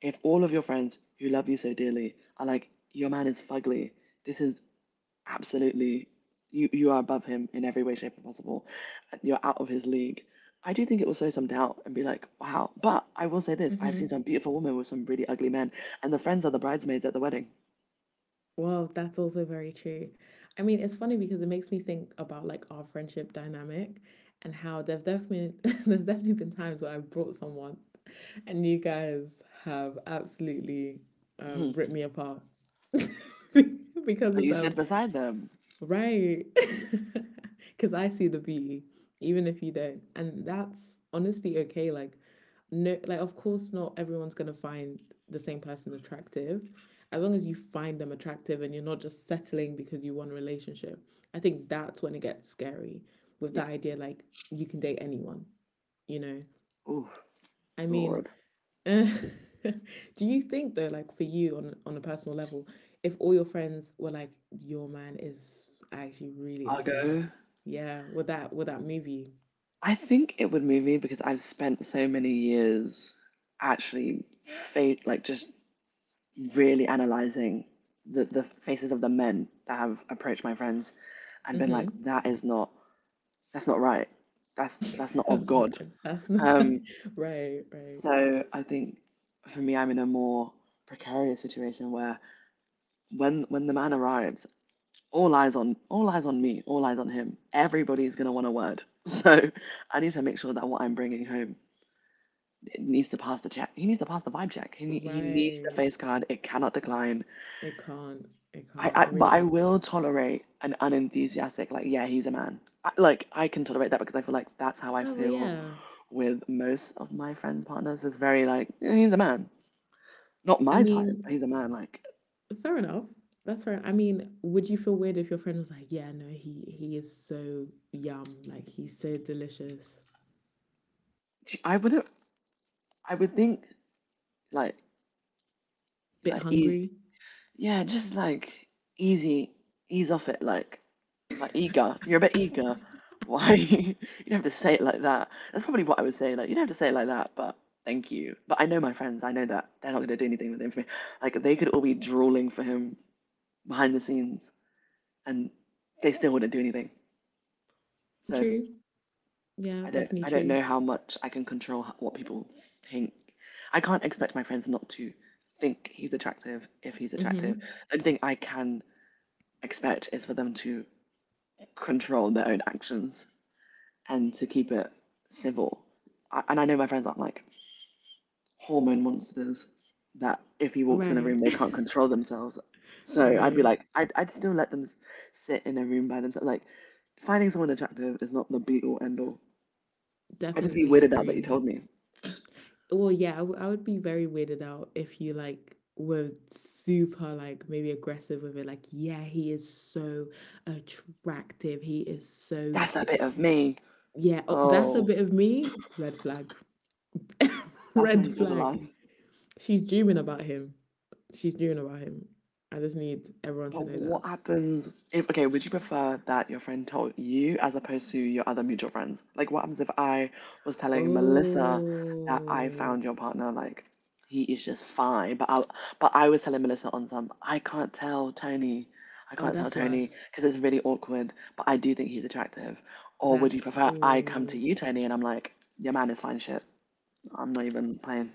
[SPEAKER 2] If all of your friends who love you so dearly are like, your man is fugly, this is absolutely, you are above him in every way, shape, and possible. You're out of his league. I do think it will sow some doubt and be like, wow. But I will say this, I've seen
[SPEAKER 1] Hmm.
[SPEAKER 2] some beautiful women with some really ugly men, and the friends are the bridesmaids at the wedding.
[SPEAKER 1] Well, that's also very true. I mean, it's funny because it makes me think about like our friendship dynamic, and how there's definitely there's definitely been times where I've brought someone and you guys have absolutely
[SPEAKER 2] Mhm.
[SPEAKER 1] ripped me apart because
[SPEAKER 2] But
[SPEAKER 1] of
[SPEAKER 2] you
[SPEAKER 1] them.
[SPEAKER 2] sit beside them.
[SPEAKER 1] Right. Because I see the beauty, even if you don't. And that's honestly okay. Like, no, like, of course, not everyone's going to find the same person attractive. As long as you find them attractive and you're not just settling because you want a relationship, I think that's when it gets scary, with the
[SPEAKER 2] Yeah.
[SPEAKER 1] idea like you can date anyone, you know?
[SPEAKER 2] Oh,
[SPEAKER 1] I mean,
[SPEAKER 2] Lord.
[SPEAKER 1] uh, do you think though, like for you on a personal level, if all your friends were like, "Your man is actually really
[SPEAKER 2] I'll
[SPEAKER 1] ugly,"
[SPEAKER 2] go.
[SPEAKER 1] yeah, would that move you?
[SPEAKER 2] I think it would move me because I've spent so many years actually fa- like just really analyzing the faces of the men that have approached my friends and been like,
[SPEAKER 1] Mm-hmm.
[SPEAKER 2] that is not that's not right. That's not of God.
[SPEAKER 1] Right. That's not
[SPEAKER 2] Um,
[SPEAKER 1] right. Right.
[SPEAKER 2] so I think for me, I'm in a more precarious situation where when the man arrives, all eyes on me, all eyes on him. Everybody's gonna want a word. So I need to make sure that what I'm bringing home it needs to pass the check. He needs to pass the vibe check. He needs the
[SPEAKER 1] Right.
[SPEAKER 2] face card. It cannot decline.
[SPEAKER 1] It can't. It can't.
[SPEAKER 2] I
[SPEAKER 1] It really
[SPEAKER 2] but I
[SPEAKER 1] can't.
[SPEAKER 2] will tolerate an unenthusiastic like yeah he's a man. Like I can tolerate that because I feel like that's how I
[SPEAKER 1] Oh well,
[SPEAKER 2] feel
[SPEAKER 1] yeah.
[SPEAKER 2] with most of my friend partners. Is very like "Yeah, he's a man, not
[SPEAKER 1] I
[SPEAKER 2] my type.
[SPEAKER 1] mean,
[SPEAKER 2] But he's a man." Like
[SPEAKER 1] fair enough. That's fair. I mean, would you feel weird if your friend was like, "Yeah, no, he is so yum. Like, he's so delicious."
[SPEAKER 2] I would I would think like
[SPEAKER 1] Bit
[SPEAKER 2] like easy
[SPEAKER 1] hungry.
[SPEAKER 2] yeah just like easy ease off it like eager. You're a bit eager. Why? You don't have to say it like that. That's probably what I would say. Like, you don't have to say it like that, but thank you. But I know my friends. I know that they're not going to do anything with the information. Like, they could all be drooling for him behind the scenes, and they still wouldn't do anything. So
[SPEAKER 1] True. Yeah,
[SPEAKER 2] I don't.
[SPEAKER 1] definitely
[SPEAKER 2] I don't
[SPEAKER 1] true.
[SPEAKER 2] know how much I can control what people think. I can't expect my friends not to think he's attractive if he's attractive.
[SPEAKER 1] Mhm.
[SPEAKER 2] The only thing I can expect is for them to control their own actions and to keep it civil. And I know my friends aren't like hormone monsters that if he walks in a room
[SPEAKER 1] Right.
[SPEAKER 2] they can't control themselves. So I'd be
[SPEAKER 1] Right.
[SPEAKER 2] like, I'd still let them sit in a room by themselves. Like, finding someone attractive is not the be all end all. I'd just be
[SPEAKER 1] Definitely
[SPEAKER 2] weirded out that you
[SPEAKER 1] agree.
[SPEAKER 2] told me.
[SPEAKER 1] Well, yeah, I would be very weirded out if you like were super like maybe aggressive with it. Like, yeah, he is so attractive. He is so
[SPEAKER 2] That's a bit of me.
[SPEAKER 1] yeah. Oh, that's a
[SPEAKER 2] Oh,
[SPEAKER 1] bit of me. Red flag.
[SPEAKER 2] that's when you
[SPEAKER 1] Red
[SPEAKER 2] draw the
[SPEAKER 1] flag.
[SPEAKER 2] line.
[SPEAKER 1] She's dreaming about him. She's dreaming about him. I just need everyone to
[SPEAKER 2] But
[SPEAKER 1] know that.
[SPEAKER 2] what happens if, okay, would you prefer that your friend told you as opposed to your other mutual friends? Like, what happens if I was telling Melissa, mm, that I
[SPEAKER 1] Oh,
[SPEAKER 2] found your partner, like, he is just fine, but I was telling Melissa on some, I can't tell Tony, I
[SPEAKER 1] oh,
[SPEAKER 2] can't tell
[SPEAKER 1] that's
[SPEAKER 2] Tony
[SPEAKER 1] worse.
[SPEAKER 2] because it's really awkward, but I do think he's attractive. Or would you
[SPEAKER 1] That's
[SPEAKER 2] prefer I come to
[SPEAKER 1] all.
[SPEAKER 2] you, Tony, and I'm like, your man is fine shit. I'm not even playing.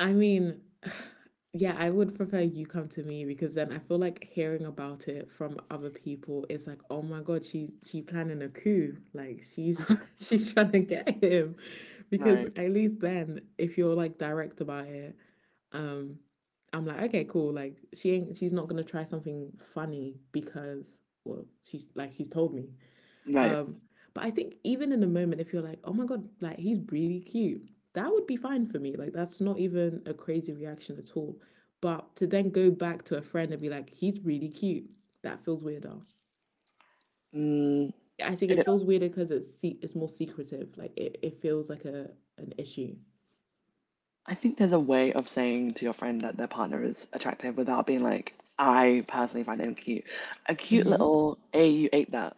[SPEAKER 1] I mean, yeah, I would prefer you come to me, because then I feel like hearing about it from other people is like, oh my God, she planning a coup. Like, she's she's trying to get him. Because
[SPEAKER 2] Right,
[SPEAKER 1] at least then, if you're like direct about it, um, I'm like, okay, cool. Like, she's not gonna try something funny because, well, she's like, she's told me.
[SPEAKER 2] right.
[SPEAKER 1] Um, but I think, even in the moment, if you're like, oh my god, like he's really cute, that would be fine for me. Like, that's not even a crazy reaction at all. But to then go back to a friend and be like, he's really cute, that feels weirder.
[SPEAKER 2] Mm,
[SPEAKER 1] I think it
[SPEAKER 2] it,
[SPEAKER 1] feels weirder because it's more secretive. Like it feels like a an issue.
[SPEAKER 2] I think there's a way of saying to your friend that their partner is attractive without being like, I personally find him cute. A cute
[SPEAKER 1] Mm-hmm.
[SPEAKER 2] little, hey, you ate that.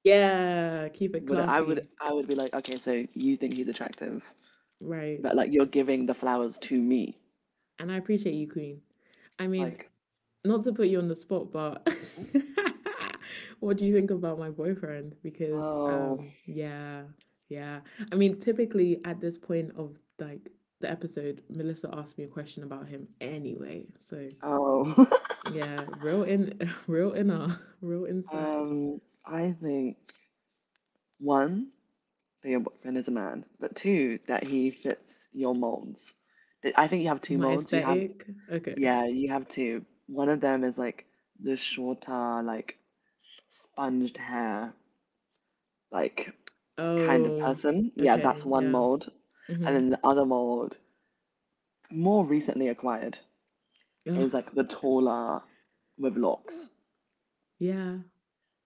[SPEAKER 1] Yeah, keep it classy,
[SPEAKER 2] Would be like, okay, so you think he's attractive,
[SPEAKER 1] right?
[SPEAKER 2] but like you're giving the flowers to me.
[SPEAKER 1] And I appreciate you, Queen. I mean,
[SPEAKER 2] Like,
[SPEAKER 1] not to put you on the spot, but what do you think about my boyfriend? Because,
[SPEAKER 2] oh,
[SPEAKER 1] yeah, yeah. I mean, typically at this point of like the episode, Melissa asked me a question about him anyway. So
[SPEAKER 2] oh.
[SPEAKER 1] yeah, real in real inner, real inside.
[SPEAKER 2] Um, I think one, that your boyfriend is a man, but two, that he fits your molds. I think you have two
[SPEAKER 1] My
[SPEAKER 2] molds. You have
[SPEAKER 1] aesthetic. Okay.
[SPEAKER 2] yeah, you have to. One of them is like the shorter, like sponged hair, like kind of
[SPEAKER 1] Oh,
[SPEAKER 2] person. Yeah, that's
[SPEAKER 1] okay,
[SPEAKER 2] one
[SPEAKER 1] yeah.
[SPEAKER 2] mold. And
[SPEAKER 1] Mm-hmm.
[SPEAKER 2] then the other mold, more recently acquired,
[SPEAKER 1] Oh,
[SPEAKER 2] is like the taller with locks.
[SPEAKER 1] yeah.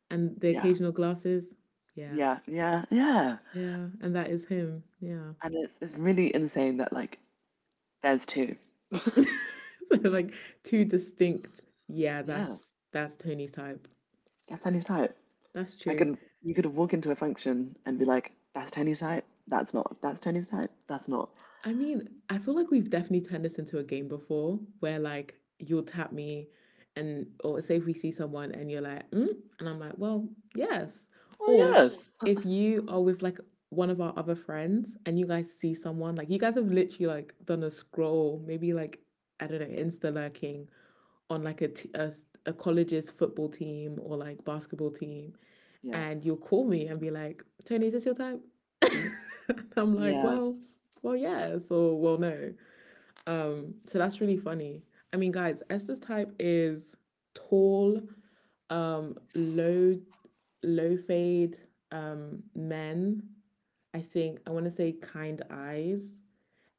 [SPEAKER 1] And the
[SPEAKER 2] Yeah,
[SPEAKER 1] occasional glasses. Yeah.
[SPEAKER 2] yeah, yeah, yeah.
[SPEAKER 1] Yeah. And that is him. Yeah.
[SPEAKER 2] And it's really insane that like there's two.
[SPEAKER 1] Like, two distinct. Yeah,
[SPEAKER 2] Yeah,
[SPEAKER 1] that's Tony's type.
[SPEAKER 2] that's Tony's type.
[SPEAKER 1] That's
[SPEAKER 2] I
[SPEAKER 1] true.
[SPEAKER 2] could You could walk into a function and be like, that's Tony's type. That's not. That's Tony's type. That's not.
[SPEAKER 1] I mean, I feel like we've definitely turned this into a game before, where like you'll tap me and or say if we see someone and you're like, mm? And I'm like, well, yes.
[SPEAKER 2] Well,
[SPEAKER 1] Or
[SPEAKER 2] yes.
[SPEAKER 1] if you are with like one of our other friends and you guys see someone, like you guys have literally like done a scroll, maybe like, I don't know, Insta lurking on like a college's football team or like basketball team,
[SPEAKER 2] Yes.
[SPEAKER 1] and you'll call me and be like, Tony, is this your type? And I'm like,
[SPEAKER 2] Yes.
[SPEAKER 1] well, yes, or well, no. So that's really funny. I mean, guys, Esther's type is tall, um, low, low fade, men. I think I want to say kind eyes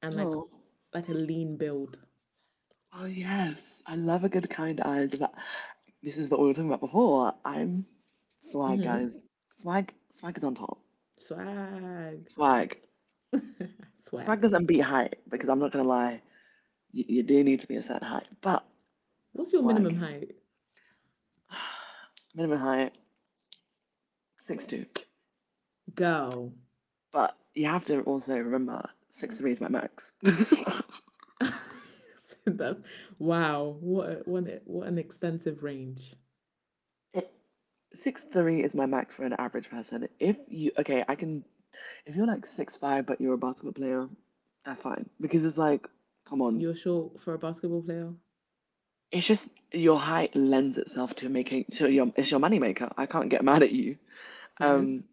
[SPEAKER 1] and
[SPEAKER 2] Oh,
[SPEAKER 1] like a lean build.
[SPEAKER 2] oh yes. I love a good kind eye. So that- this is what we were talking about before. I'm swag, guys.
[SPEAKER 1] Mm-hmm.
[SPEAKER 2] Swag is on top.
[SPEAKER 1] Swag,
[SPEAKER 2] Swag, swag
[SPEAKER 1] swag.
[SPEAKER 2] doesn't beat height because I'm not gonna lie. You do need to be a certain height, but
[SPEAKER 1] What's your minimum
[SPEAKER 2] swag,
[SPEAKER 1] height,
[SPEAKER 2] minimum height, 6'2".
[SPEAKER 1] girl?
[SPEAKER 2] But you have to also remember 6'3" is my max.
[SPEAKER 1] So that's, wow. What an extensive range.
[SPEAKER 2] It, 6'3" is my max for an average person. If you okay, I can If you're like 6'5" but you're a basketball player, that's fine because it's like, come on,
[SPEAKER 1] You're short for a basketball player,
[SPEAKER 2] it's just your height lends itself to making to your it's your moneymaker. I can't get mad at you.
[SPEAKER 1] Fres.
[SPEAKER 2] Um,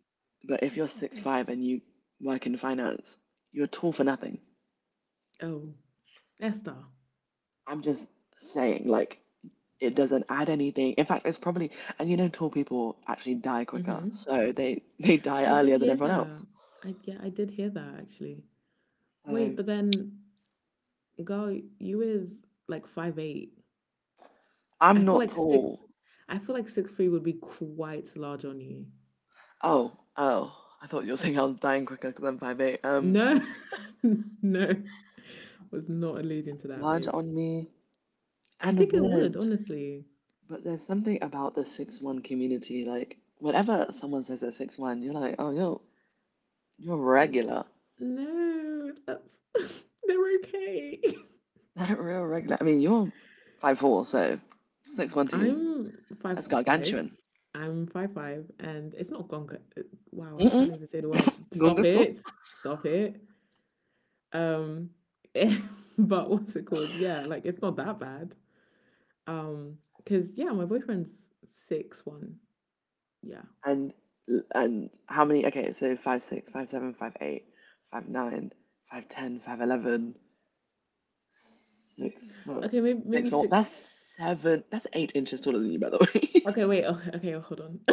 [SPEAKER 2] but if you're 6'5" and you work in finance, you're tall for nothing.
[SPEAKER 1] Oh, Esther.
[SPEAKER 2] I'm just saying, like, it doesn't add anything. In fact, it's probably and you know tall people actually die quicker,
[SPEAKER 1] Mm-hmm.
[SPEAKER 2] so they die
[SPEAKER 1] I did
[SPEAKER 2] earlier than
[SPEAKER 1] hear
[SPEAKER 2] everyone else.
[SPEAKER 1] that. I Yeah, I did hear that actually. Wait,
[SPEAKER 2] So
[SPEAKER 1] but then girl, you is like 5'8". I
[SPEAKER 2] I'm
[SPEAKER 1] feel
[SPEAKER 2] not
[SPEAKER 1] like six.
[SPEAKER 2] tall.
[SPEAKER 1] I feel like 6'3" would be quite large on you.
[SPEAKER 2] Oh, oh, I thought you were saying I was dying quicker because I'm 5'8".
[SPEAKER 1] No, no, was not alluding to that,
[SPEAKER 2] Large
[SPEAKER 1] babe.
[SPEAKER 2] on me
[SPEAKER 1] I
[SPEAKER 2] and
[SPEAKER 1] think it would
[SPEAKER 2] would.
[SPEAKER 1] honestly.
[SPEAKER 2] But there's something about the 6'1" community. Like, whenever someone says they're one, you're like, oh, you're regular.
[SPEAKER 1] No, that's they're okay.
[SPEAKER 2] Not real regular. I mean, you're 5'4", so 6'1" is
[SPEAKER 1] I'm five
[SPEAKER 2] that's
[SPEAKER 1] five.
[SPEAKER 2] gargantuan.
[SPEAKER 1] And it's not gonka. Wow, I
[SPEAKER 2] Mm-mm.
[SPEAKER 1] can't even say the word. Stop
[SPEAKER 2] Gungatsu.
[SPEAKER 1] it! Stop it! Um, but what's it called? Yeah, like, it's not that bad. Because yeah, my boyfriend's 6'1". Yeah.
[SPEAKER 2] And, and how many? Okay, so 5'6, foot, 6 foot.
[SPEAKER 1] Okay, maybe
[SPEAKER 2] six
[SPEAKER 1] maybe
[SPEAKER 2] four. That's
[SPEAKER 1] six.
[SPEAKER 2] seven, that's 8 inches taller than you, by the way.
[SPEAKER 1] Okay, wait. Oh, okay, hold on.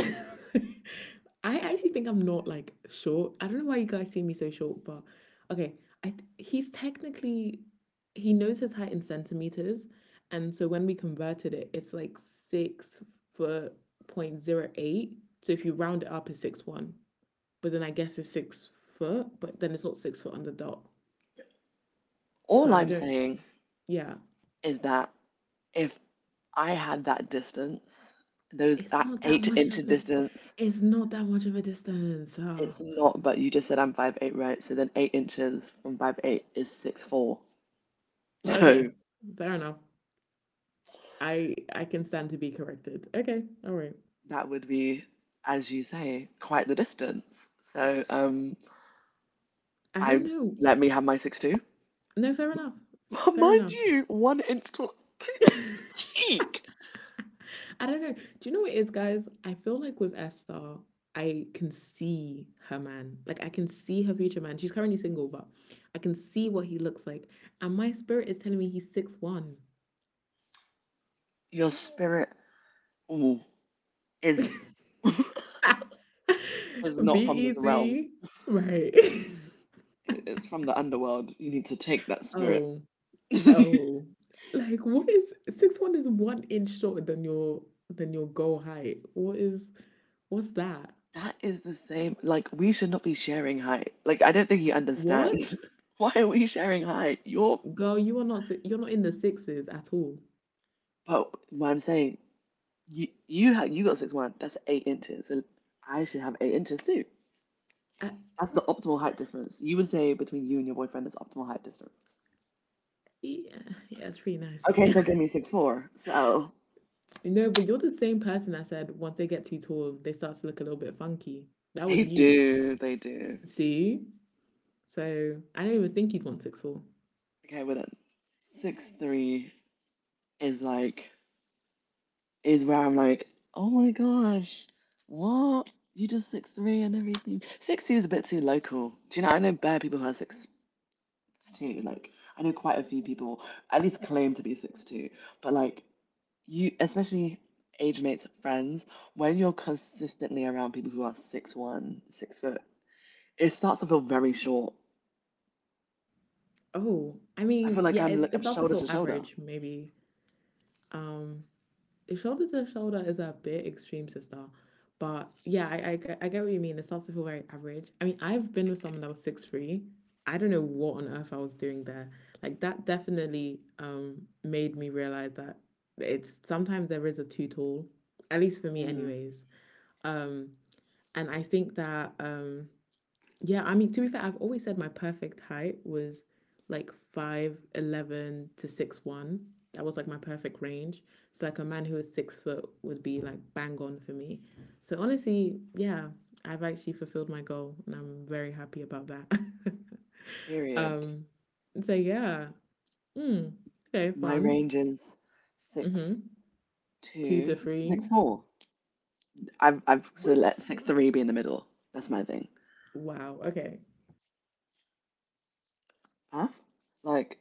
[SPEAKER 1] I actually think I'm not like short. I don't know why you guys see me so short, but okay. I th- he's technically he knows his height in centimeters, and so when we converted it, it's like 6 foot point 08. So if you round it up, it's 6'1". But then I guess it's 6 foot. But then it's not 6 foot on the dot. So
[SPEAKER 2] All
[SPEAKER 1] I
[SPEAKER 2] I'm
[SPEAKER 1] don't.
[SPEAKER 2] saying
[SPEAKER 1] Yeah,
[SPEAKER 2] is that if I had that distance, those
[SPEAKER 1] it's
[SPEAKER 2] that
[SPEAKER 1] not that
[SPEAKER 2] eight
[SPEAKER 1] much
[SPEAKER 2] inch
[SPEAKER 1] of a.
[SPEAKER 2] distance,
[SPEAKER 1] It's not that much of a distance. Ah.
[SPEAKER 2] it's not. But you just said I'm 5'8", right? So then 8 inches from 5'8" is 6'4".
[SPEAKER 1] Okay,
[SPEAKER 2] So
[SPEAKER 1] fair enough. I can stand to be corrected. Okay, all right.
[SPEAKER 2] that would be, as you say, quite the distance. So
[SPEAKER 1] I don't
[SPEAKER 2] I
[SPEAKER 1] know.
[SPEAKER 2] let me have my 6'2".
[SPEAKER 1] No, fair enough. Fair
[SPEAKER 2] Mind
[SPEAKER 1] enough.
[SPEAKER 2] you, 1 inch tall. Cheek.
[SPEAKER 1] I don't know. Do you know what it is, guys? I feel like with Esther, I can see her man. Like I can see her future man. She's currently single, but I can see what he looks like. And my spirit is telling me he's 6'1".
[SPEAKER 2] Your spirit ooh, is is
[SPEAKER 1] Be
[SPEAKER 2] not from this realm.
[SPEAKER 1] easy. Right.
[SPEAKER 2] It's from the underworld. You need to take that spirit.
[SPEAKER 1] Oh. Oh, like what is 6'1"? Is 1 inch shorter than your goal height. What's that?
[SPEAKER 2] That is the same. Like, we should not be sharing height. Like, I don't think you
[SPEAKER 1] What,
[SPEAKER 2] understand. Why are we sharing height?
[SPEAKER 1] girl? You're not in the sixes at all.
[SPEAKER 2] But what I'm saying, you got 6'1". That's 8 inches, and I should have 8 inches too.
[SPEAKER 1] Uh,
[SPEAKER 2] That's the optimal height difference. You would say between you and your boyfriend is optimal height difference.
[SPEAKER 1] yeah, yeah, it's pretty nice.
[SPEAKER 2] Okay, so give me 6'4". So
[SPEAKER 1] Yeah. No, but you're the same person I said, once they get too tall, they start to look a little bit funky. That was
[SPEAKER 2] they
[SPEAKER 1] you.
[SPEAKER 2] do, they do.
[SPEAKER 1] See, so I don't even think you'd want 6'4".
[SPEAKER 2] Okay, well then, 6'3" is like is where I'm like, oh my gosh, what? You just 6'3" and everything. 6'2" is a bit too local. Do you know? I know bare people who are 6'2". Like I know quite a few people at least claim to be 6'2". But like you, especially age mates, friends, when you're consistently around people who are 6'1", 6 foot, it starts to feel very short.
[SPEAKER 1] Oh, I
[SPEAKER 2] I
[SPEAKER 1] mean,
[SPEAKER 2] feel like
[SPEAKER 1] yeah,
[SPEAKER 2] I'm
[SPEAKER 1] it's
[SPEAKER 2] like
[SPEAKER 1] it
[SPEAKER 2] I'm
[SPEAKER 1] starts to
[SPEAKER 2] shoulder to
[SPEAKER 1] feel
[SPEAKER 2] shoulder.
[SPEAKER 1] average maybe. Um, Shoulder to shoulder is a bit extreme, sister. But yeah, I get what you mean. It starts to feel very average. I mean, I've been with someone that was 6 foot three. I don't know what on earth I was doing there. Like, that definitely made me realize that it's sometimes there is a too tall, at least for me,
[SPEAKER 2] Mm,
[SPEAKER 1] anyways. Um, and I think that, yeah, I mean, to be fair, I've always said my perfect height was like 5'11 to 6'1". That was like my perfect range. So, like, a man who is 6 foot would be like bang on for me. So, honestly, yeah, I've actually fulfilled my goal, and I'm very happy about that.
[SPEAKER 2] period.
[SPEAKER 1] um, so, yeah, mm, okay,
[SPEAKER 2] My
[SPEAKER 1] fun.
[SPEAKER 2] range is six
[SPEAKER 1] Mm-hmm. Two
[SPEAKER 2] two
[SPEAKER 1] to
[SPEAKER 2] to
[SPEAKER 1] three.
[SPEAKER 2] 6'4". I've so
[SPEAKER 1] What?
[SPEAKER 2] let 6'3" be in the middle. That's my thing.
[SPEAKER 1] Wow, okay.
[SPEAKER 2] Huh? Like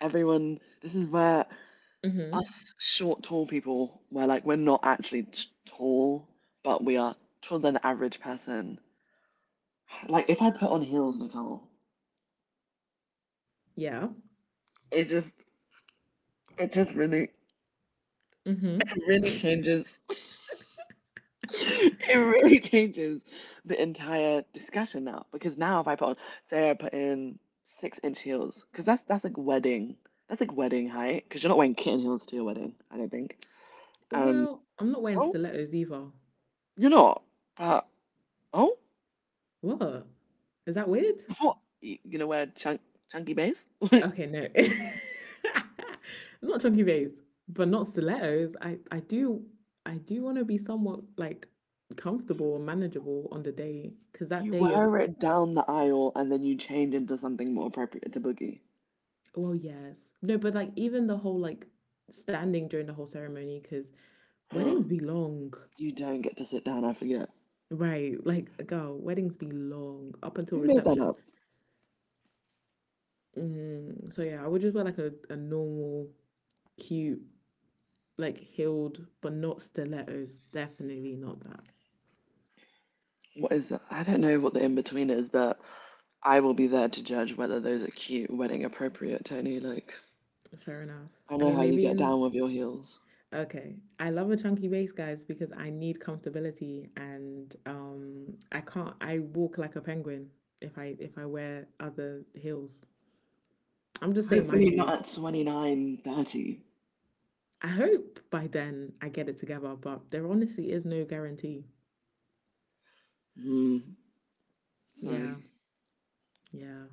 [SPEAKER 2] everyone, this is where
[SPEAKER 1] Mm-hmm.
[SPEAKER 2] us short, tall people, where like we're not actually tall, but we are taller than the average person. Like if I put on heels, Nicole,
[SPEAKER 1] Yeah.
[SPEAKER 2] it's just it just really it
[SPEAKER 1] Mm-hmm.
[SPEAKER 2] really changes it really changes the entire discussion now because now if I put on, say I put in 6 inch heels because that's like wedding height because you're not wearing kitten heels to your wedding, I don't think. um
[SPEAKER 1] Well, I'm not wearing
[SPEAKER 2] oh,
[SPEAKER 1] stilettos either.
[SPEAKER 2] you're not, but oh.
[SPEAKER 1] What? Is that weird?
[SPEAKER 2] What you gonna wear, chunky base?
[SPEAKER 1] Okay, no. I'm not chunky bass, but not stilettos. I do want to be somewhat like comfortable and manageable on the day, because that
[SPEAKER 2] You
[SPEAKER 1] day you're,
[SPEAKER 2] wear it down the aisle and then you change into something more appropriate to boogie.
[SPEAKER 1] well, yes, no, but like, even the whole, like, standing during the whole ceremony, because
[SPEAKER 2] Oh,
[SPEAKER 1] weddings be long.
[SPEAKER 2] you don't get to sit down, I forget
[SPEAKER 1] Right, like, girl, weddings be long up until
[SPEAKER 2] who made that
[SPEAKER 1] reception.
[SPEAKER 2] up.
[SPEAKER 1] So yeah, I would just wear like a normal, cute, like, healed, but not stilettos. Definitely not that.
[SPEAKER 2] What is that? I don't know what the in between is, but I will be there to judge whether those are cute, wedding appropriate, Tony. Like,
[SPEAKER 1] Fair enough.
[SPEAKER 2] I
[SPEAKER 1] I
[SPEAKER 2] know
[SPEAKER 1] mean,
[SPEAKER 2] how you
[SPEAKER 1] maybe
[SPEAKER 2] get
[SPEAKER 1] in
[SPEAKER 2] down with your heels.
[SPEAKER 1] okay. I love a chunky base, guys, because I need comfortability, and, I can't. I walk like a penguin if I wear other heels. I'm just saying my
[SPEAKER 2] Hopefully not
[SPEAKER 1] truth.
[SPEAKER 2] at 29, 30.
[SPEAKER 1] I hope by then I get it together, but there honestly is no guarantee.
[SPEAKER 2] Hmm. So,
[SPEAKER 1] Yeah, yeah.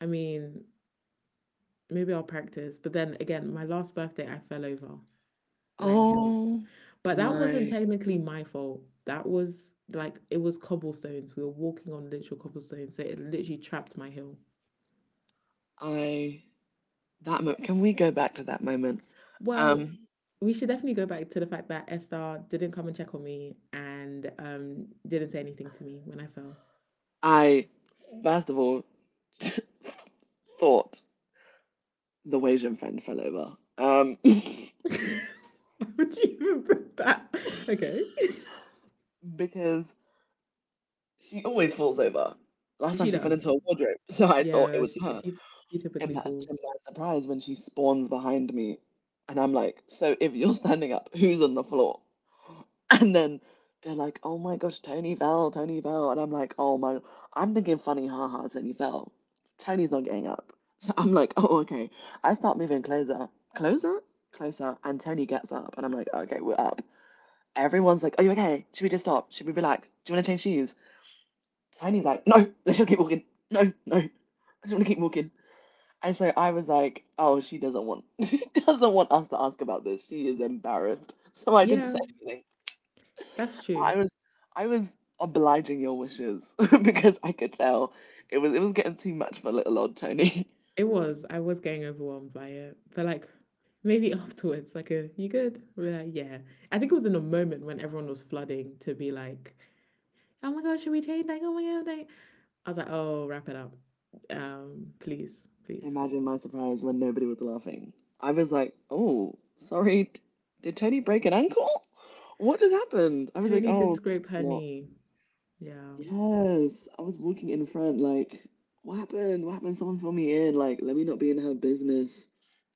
[SPEAKER 1] I mean, maybe I'll practice, but then again, my last birthday I fell over Rang Hills.
[SPEAKER 2] oh
[SPEAKER 1] But that wasn't
[SPEAKER 2] my,
[SPEAKER 1] technically my fault. That was like, it was cobblestones. We were walking on literal cobblestones, so it literally trapped my heel.
[SPEAKER 2] I, that moment. Can we go back to that moment?
[SPEAKER 1] Well,
[SPEAKER 2] Um,
[SPEAKER 1] we should definitely go back to the fact that Estar didn't come and check on me, and didn't say anything to me when I fell.
[SPEAKER 2] I, first of all, thought the Wasian friend fell over.
[SPEAKER 1] Why would you even bring that? Okay.
[SPEAKER 2] Because she always falls over. Last time
[SPEAKER 1] She
[SPEAKER 2] she fell
[SPEAKER 1] does.
[SPEAKER 2] into a wardrobe, so I thought it
[SPEAKER 1] Yeah,
[SPEAKER 2] was
[SPEAKER 1] she
[SPEAKER 2] her.
[SPEAKER 1] she she typically
[SPEAKER 2] Imagine
[SPEAKER 1] falls.
[SPEAKER 2] my surprise, when she spawns behind me, and I'm like, "So if you're standing up, who's on the floor?" And then they're like, "Oh my gosh, Tony fell," and I'm like, "Oh my," I'm thinking funny, haha, Tony fell. Tony's not getting up, so I'm like, "Oh, okay." I start moving closer, closer, closer, and Tony gets up, and I'm like, "Okay, we're up." Everyone's like, "Are you okay? Should we just stop? Should we relax? Do you want to change shoes?" Tony's like, "No, let's just keep walking. No, no, I just want to keep walking." And so I was like, "Oh, she doesn't want she doesn't want us to ask about this. She is embarrassed." So I didn't say
[SPEAKER 1] Yeah,
[SPEAKER 2] anything.
[SPEAKER 1] that's true.
[SPEAKER 2] I was I was obliging your wishes because I could tell it was getting too much for little old Tony.
[SPEAKER 1] It was. I was getting overwhelmed by it. But like, maybe afterwards, like, a "you good?" We're like, yeah. I think it was in a moment when everyone was flooding to be like, "Oh my god, should we change?" Like, oh my god, like, I was like, "Oh, wrap it up. Please, please."
[SPEAKER 2] Imagine my surprise when nobody was laughing. I was like, "Oh, sorry, did Tony break an ankle? What just happened?" I was like,
[SPEAKER 1] Tony did
[SPEAKER 2] "Oh, this is
[SPEAKER 1] scrape her
[SPEAKER 2] not."
[SPEAKER 1] knee. Yeah.
[SPEAKER 2] Yes, I was walking in front, like, what happened? What happened? Someone fill me in. Like, let me not be in her business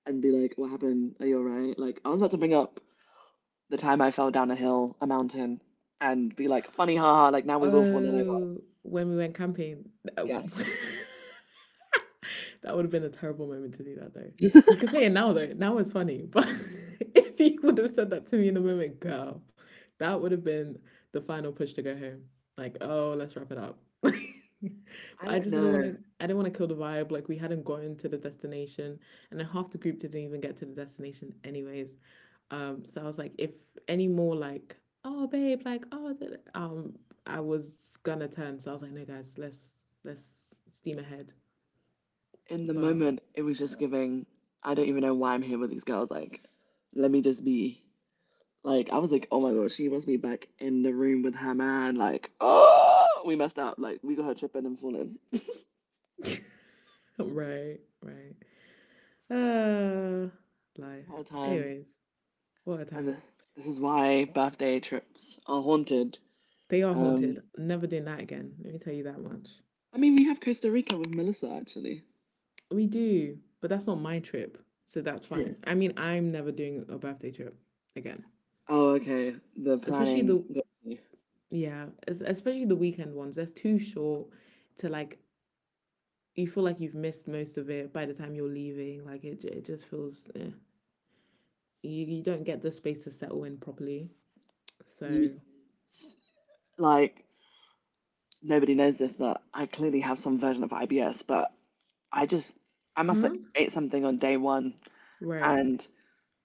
[SPEAKER 2] and be like, what happened? Are you all right? Like, I was about to bring up the time I fell down a hill, a mountain, and be like, funny, haha, like, now we've all fallen over.
[SPEAKER 1] Oh, when we went camping.
[SPEAKER 2] Yes.
[SPEAKER 1] That would have been a terrible moment to do that, though. You can say it now, though. Now it's funny. But if you would have said that to me in the moment, girl, that would have been the final push to go home. Like, "Oh, let's wrap it up."
[SPEAKER 2] I
[SPEAKER 1] But
[SPEAKER 2] don't know.
[SPEAKER 1] I didn't want to kill the vibe. Like, we hadn't gotten to the destination, and then half the group didn't even get to the destination anyways. So I was like, if any more like, "Oh babe," like, um I was gonna turn. So I was like, "No guys, let's steam ahead."
[SPEAKER 2] In the
[SPEAKER 1] But
[SPEAKER 2] moment, it was just giving, I don't even know why I'm here with these girls. Like, let me just be. Like, I was like, oh my god, she wants me back in the room with her man. Like, oh, we messed up. Like, we got her tripping and falling.
[SPEAKER 1] right, right. Uh,
[SPEAKER 2] The
[SPEAKER 1] Life.
[SPEAKER 2] whole time.
[SPEAKER 1] Anyways, what a time.
[SPEAKER 2] And this is why birthday trips are haunted.
[SPEAKER 1] They are
[SPEAKER 2] Um,
[SPEAKER 1] haunted. Never doing that again. Let me tell you that much.
[SPEAKER 2] I mean, we have Costa Rica with Melissa actually.
[SPEAKER 1] We do, but that's not my trip. So that's
[SPEAKER 2] True.
[SPEAKER 1] fine. I mean, I'm never doing a birthday trip again.
[SPEAKER 2] Oh, okay. The
[SPEAKER 1] Especially
[SPEAKER 2] planning
[SPEAKER 1] the,
[SPEAKER 2] got me.
[SPEAKER 1] yeah, especially the weekend ones. That's too short to, like, you feel like you've missed most of it by the time you're leaving. Like, it, it just feels, eh. You don't get the space to settle in properly.
[SPEAKER 2] You,
[SPEAKER 1] So,
[SPEAKER 2] s- like, nobody knows this, but I clearly have some version of IBS, but I just, I must have
[SPEAKER 1] huh?
[SPEAKER 2] ate something on day one
[SPEAKER 1] Right.
[SPEAKER 2] and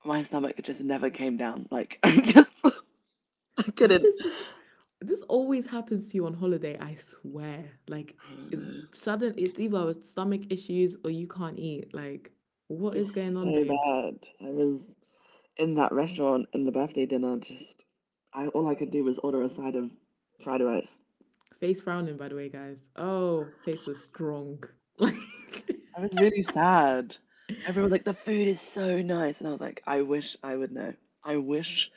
[SPEAKER 2] my stomach just never came down. Like, I
[SPEAKER 1] Why
[SPEAKER 2] couldn't.
[SPEAKER 1] does this always happens to you on holiday, I swear. Like,
[SPEAKER 2] I don't
[SPEAKER 1] it,
[SPEAKER 2] know.
[SPEAKER 1] sudden, it's either stomach issues or you can't eat. Like, what is going
[SPEAKER 2] It's
[SPEAKER 1] on,
[SPEAKER 2] so
[SPEAKER 1] babe?
[SPEAKER 2] bad. I was in that restaurant in the birthday dinner, just I all I could do was order a side of fried rice.
[SPEAKER 1] Face frowning, by the way, guys. Oh, face was strong. Like,
[SPEAKER 2] I was really sad. Everyone was like, "The food is so nice," and I was like, "I wish I would know. I wish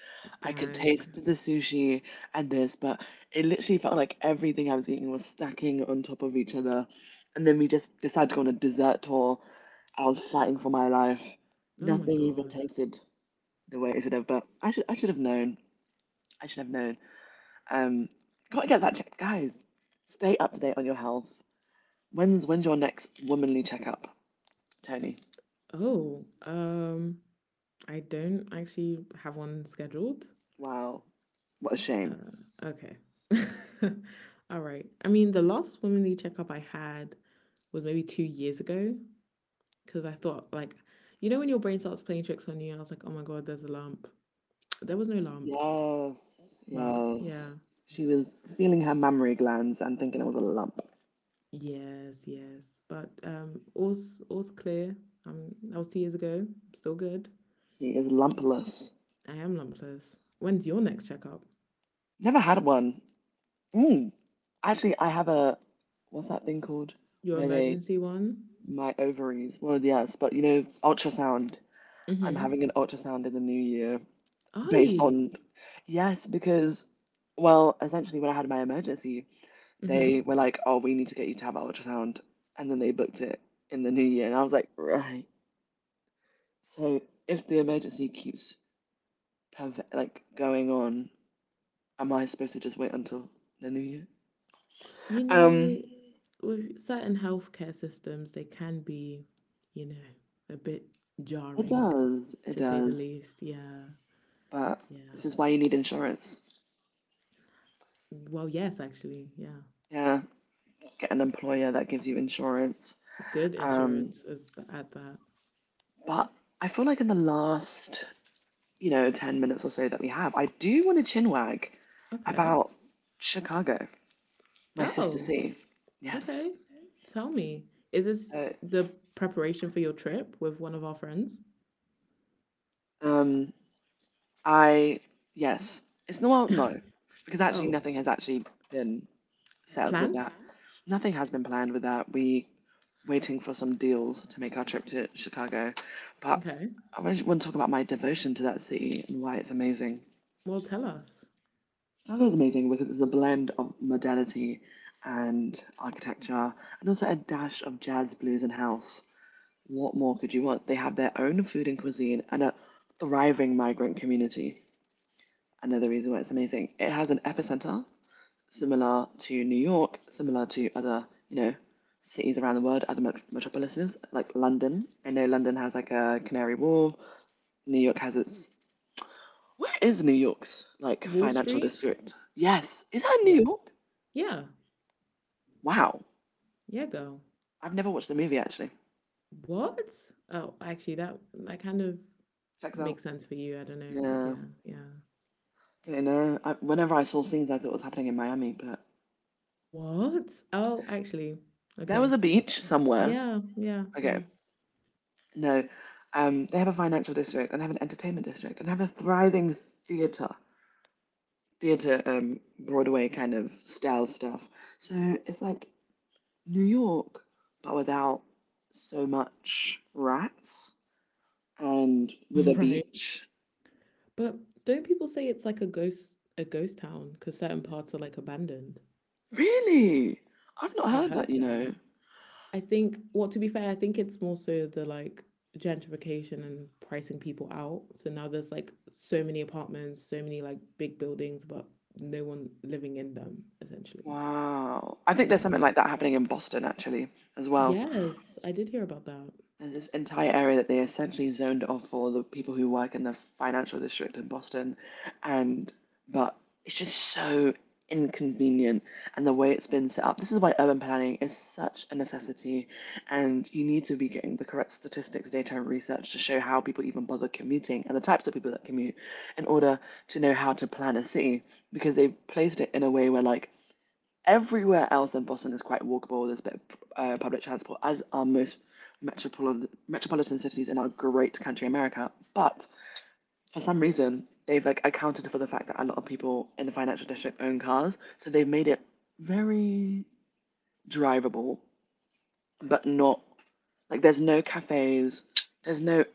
[SPEAKER 2] I could
[SPEAKER 1] dang.
[SPEAKER 2] taste the sushi and this." But it literally felt like everything I was eating was stacking on top of each other. And then we just decided to go on a dessert tour. I was fighting for my life.
[SPEAKER 1] Oh my
[SPEAKER 2] Nothing even
[SPEAKER 1] god.
[SPEAKER 2] tasted the way it should have. But I should have known. I should have known. Um, gotta get that checked, guys. Stay up to date on your health. When's your next womanly checkup, Tony?
[SPEAKER 1] Oh, I don't actually have one scheduled.
[SPEAKER 2] Wow, what a shame.
[SPEAKER 1] Okay. All right. I mean, the last womanly checkup I had was maybe 2 years ago, because I thought, like, you know, when your brain starts playing tricks on you, I was like, oh my god, there's a lump. There was no lump,
[SPEAKER 2] Yes,
[SPEAKER 1] but
[SPEAKER 2] yes.
[SPEAKER 1] yeah,
[SPEAKER 2] She was feeling her mammary glands and thinking it was a lump.
[SPEAKER 1] yes, yes. But all's clear. That was 2 years ago. Still good.
[SPEAKER 2] She is lumpless.
[SPEAKER 1] I am lumpless. When's your next checkup?
[SPEAKER 2] Never had one. Mm. Actually, I have a what's that thing called
[SPEAKER 1] Your
[SPEAKER 2] where they
[SPEAKER 1] emergency one?
[SPEAKER 2] my ovaries. Well, yes, but ultrasound. I'm
[SPEAKER 1] Mm-hmm.
[SPEAKER 2] having an ultrasound in the new year.
[SPEAKER 1] Are
[SPEAKER 2] Based
[SPEAKER 1] you?
[SPEAKER 2] on yes, because well essentially when I had my emergency, they
[SPEAKER 1] Mm-hmm.
[SPEAKER 2] were like, oh, we need to get you to have an ultrasound. And then they booked it in the new year, and I was like, right, so if the emergency keeps like going on, am I supposed to just wait until the new year?
[SPEAKER 1] You
[SPEAKER 2] um
[SPEAKER 1] know, with certain healthcare systems, they can be, you know, a bit
[SPEAKER 2] it
[SPEAKER 1] jarring,
[SPEAKER 2] does, it
[SPEAKER 1] to say the
[SPEAKER 2] does.
[SPEAKER 1] least. Yeah,
[SPEAKER 2] But
[SPEAKER 1] yeah.
[SPEAKER 2] this is why you need insurance.
[SPEAKER 1] Well, yes, actually, yeah.
[SPEAKER 2] Yeah, get an
[SPEAKER 1] It's
[SPEAKER 2] employer that gives you insurance.
[SPEAKER 1] Good
[SPEAKER 2] um
[SPEAKER 1] insurance is at that.
[SPEAKER 2] but I feel like in the last 10 minutes or so that we have, I do want to chinwag
[SPEAKER 1] Okay.
[SPEAKER 2] about Chicago, my sister
[SPEAKER 1] Oh,
[SPEAKER 2] C. Yes.
[SPEAKER 1] okay. Tell me, is this
[SPEAKER 2] So,
[SPEAKER 1] the preparation for your trip with one of our friends?
[SPEAKER 2] um, I, yes. It's no, well, no, because actually
[SPEAKER 1] Oh,
[SPEAKER 2] nothing has actually been settled with
[SPEAKER 1] planned?
[SPEAKER 2] that. Mhm. Nothing has been planned with that. We waiting for some deals to make our trip to Chicago, but
[SPEAKER 1] Okay.
[SPEAKER 2] I really want to talk about my devotion to that city and why it's amazing.
[SPEAKER 1] Well, tell us.
[SPEAKER 2] That was amazing because it's a blend of modernity and architecture and also a dash of jazz, blues, and house. What more could you want? They have their own food and cuisine and a thriving migrant community. Another reason why it's amazing. It has an epicenter similar to New York, similar to other, cities around the world, other metropolises like London. I know London has like a Canary Wharf. New York has its. Where is New York's like
[SPEAKER 1] Wall
[SPEAKER 2] financial
[SPEAKER 1] Street?
[SPEAKER 2] district? Yes, is that in New
[SPEAKER 1] Yeah.
[SPEAKER 2] York?
[SPEAKER 1] Yeah.
[SPEAKER 2] Wow.
[SPEAKER 1] Yeah, girl.
[SPEAKER 2] I've never watched the movie actually.
[SPEAKER 1] What? Oh, actually, that kind of
[SPEAKER 2] Check it out.
[SPEAKER 1] makes sense for you. I don't know. Like,
[SPEAKER 2] Yeah,
[SPEAKER 1] yeah, yeah.
[SPEAKER 2] you know. Whenever I saw scenes, I thought it was happening in Miami, but
[SPEAKER 1] What? Oh, actually,
[SPEAKER 2] there was
[SPEAKER 1] okay.
[SPEAKER 2] a beach somewhere.
[SPEAKER 1] Yeah, yeah, yeah.
[SPEAKER 2] Okay, no. They have a financial district and they have an entertainment district and they have a thriving theater, Broadway kind of style stuff. So it's like New York, but without so much rats and with a
[SPEAKER 1] Right.
[SPEAKER 2] beach.
[SPEAKER 1] But don't people say it's like a ghost town because certain parts are like abandoned?
[SPEAKER 2] Really? I've not
[SPEAKER 1] I
[SPEAKER 2] heard
[SPEAKER 1] heard
[SPEAKER 2] that, you
[SPEAKER 1] that.
[SPEAKER 2] know.
[SPEAKER 1] I think, well, to be fair, I think it's more so the, like, gentrification and pricing people out. So now there's like so many apartments, so many like big buildings, but no one living in them, essentially.
[SPEAKER 2] Wow. I think
[SPEAKER 1] Yeah.
[SPEAKER 2] there's something like that happening in Boston actually as well.
[SPEAKER 1] Yes, I did hear about that.
[SPEAKER 2] There's this entire area that they essentially zoned off for the people who work in the financial district in Boston. And but it's just so inconvenient and the way it's been set up. This is why urban planning is such a necessity and you need to be getting the correct statistics, data and research to show how people even bother commuting and the types of people that commute in order to know how to plan a city because they've placed it in a way where like everywhere else in Boston is quite walkable. There's a bit of public transport, as are most metropolitan cities in our great country America. But for some reason, they've like accounted for the fact that a lot of people in the financial district own cars, so they've made it very drivable, but not like there's no cafes, there's no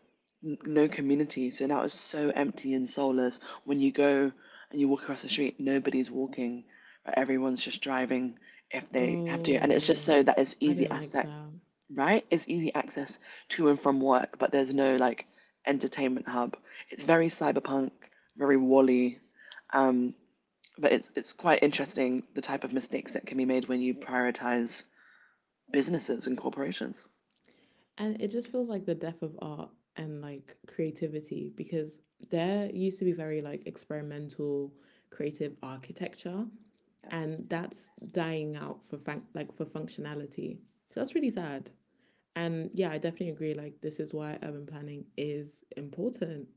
[SPEAKER 2] no community. So now it's so empty and soulless. When you go and you walk across the street, nobody's walking. Like, everyone's just driving if they have to. And it's just
[SPEAKER 1] Oh,
[SPEAKER 2] so that it's
[SPEAKER 1] I do
[SPEAKER 2] easy
[SPEAKER 1] not like
[SPEAKER 2] access,
[SPEAKER 1] that.
[SPEAKER 2] right? It's easy access to and from work, but there's no like entertainment hub. It's very cyberpunk, very Wall-E. Um, but it's quite interesting the type of mistakes that can be made when you prioritize businesses and corporations.
[SPEAKER 1] And it just feels like the death of art and, like, creativity, because there used to be very, like, experimental, creative architecture,
[SPEAKER 2] Yes.
[SPEAKER 1] and that's dying out for like, for functionality. So that's really sad. And yeah, I definitely agree, like, this is why urban planning is important.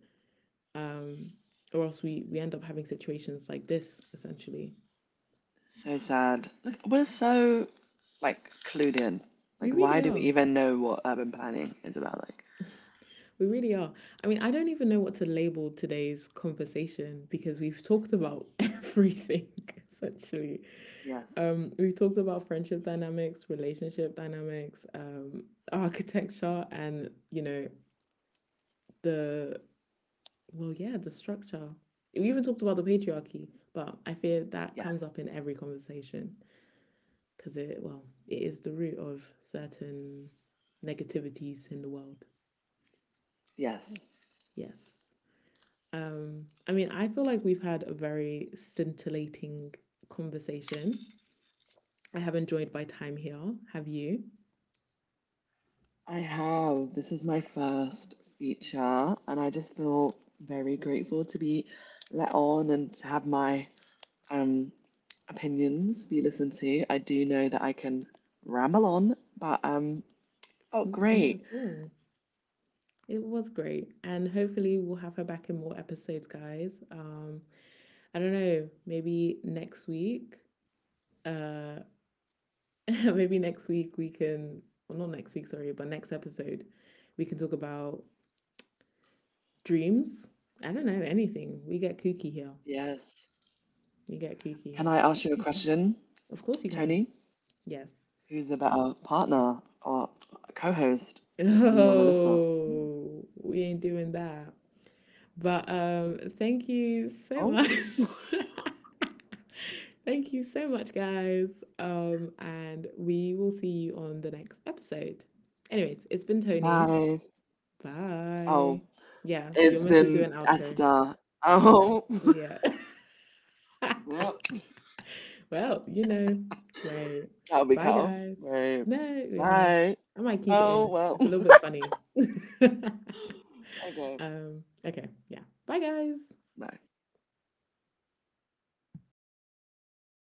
[SPEAKER 1] Um or else we end up having situations like this, essentially.
[SPEAKER 2] So sad. Like we're so like clued in.
[SPEAKER 1] We
[SPEAKER 2] Like
[SPEAKER 1] really
[SPEAKER 2] why do we
[SPEAKER 1] are.
[SPEAKER 2] even know what urban planning is about? Like
[SPEAKER 1] We really are. I mean, I don't even know what to label today's conversation, because we've talked about everything, essentially.
[SPEAKER 2] yes,
[SPEAKER 1] We've talked about friendship dynamics, relationship dynamics, architecture, and the, well, yeah, the structure. We even talked about the patriarchy, but I fear that
[SPEAKER 2] yes,
[SPEAKER 1] comes up in every conversation, because it well, it is the root of certain negativities in the world.
[SPEAKER 2] yes.
[SPEAKER 1] Yes. I mean, I feel like we've had a very scintillating conversation. I have enjoyed my time here. Have you?
[SPEAKER 2] I have. This is my first feature, and I just feel very grateful to be let on and to have my um opinions be listened to. I do know that I can ramble on, but oh
[SPEAKER 1] Not
[SPEAKER 2] great.
[SPEAKER 1] at all. It was great. And hopefully, we'll have her back in more episodes, guys. I don't know, maybe next week. Uh, maybe next week we can, well, not next week, sorry, but next episode, we can talk about dreams. I don't know, anything. We get kooky here.
[SPEAKER 2] Yes.
[SPEAKER 1] You get kooky
[SPEAKER 2] Can
[SPEAKER 1] here.
[SPEAKER 2] I ask you a question,
[SPEAKER 1] Of course, you can.
[SPEAKER 2] Tony?
[SPEAKER 1] Yes.
[SPEAKER 2] Who's a better partner or co-host, me or Melissa?
[SPEAKER 1] Oh, we ain't doing that. But thank you so
[SPEAKER 2] Oh,
[SPEAKER 1] much. Thank you so much, guys. And we will see you on the next episode. Anyways, it's been Tony.
[SPEAKER 2] bye.
[SPEAKER 1] Bye.
[SPEAKER 2] Oh,
[SPEAKER 1] Yeah, you're
[SPEAKER 2] it's
[SPEAKER 1] meant to do
[SPEAKER 2] been
[SPEAKER 1] an outro.
[SPEAKER 2] Esther.
[SPEAKER 1] No.
[SPEAKER 2] Oh,
[SPEAKER 1] Yeah.
[SPEAKER 2] well,
[SPEAKER 1] Well, you know, right.
[SPEAKER 2] that'll be
[SPEAKER 1] Bye,
[SPEAKER 2] cut.
[SPEAKER 1] guys.
[SPEAKER 2] Right.
[SPEAKER 1] No, yeah.
[SPEAKER 2] Bye.
[SPEAKER 1] I might keep it in.
[SPEAKER 2] Oh,
[SPEAKER 1] It's,
[SPEAKER 2] well.
[SPEAKER 1] it's a little bit funny.
[SPEAKER 2] Okay.
[SPEAKER 1] Okay, yeah. Bye, guys.
[SPEAKER 2] Bye.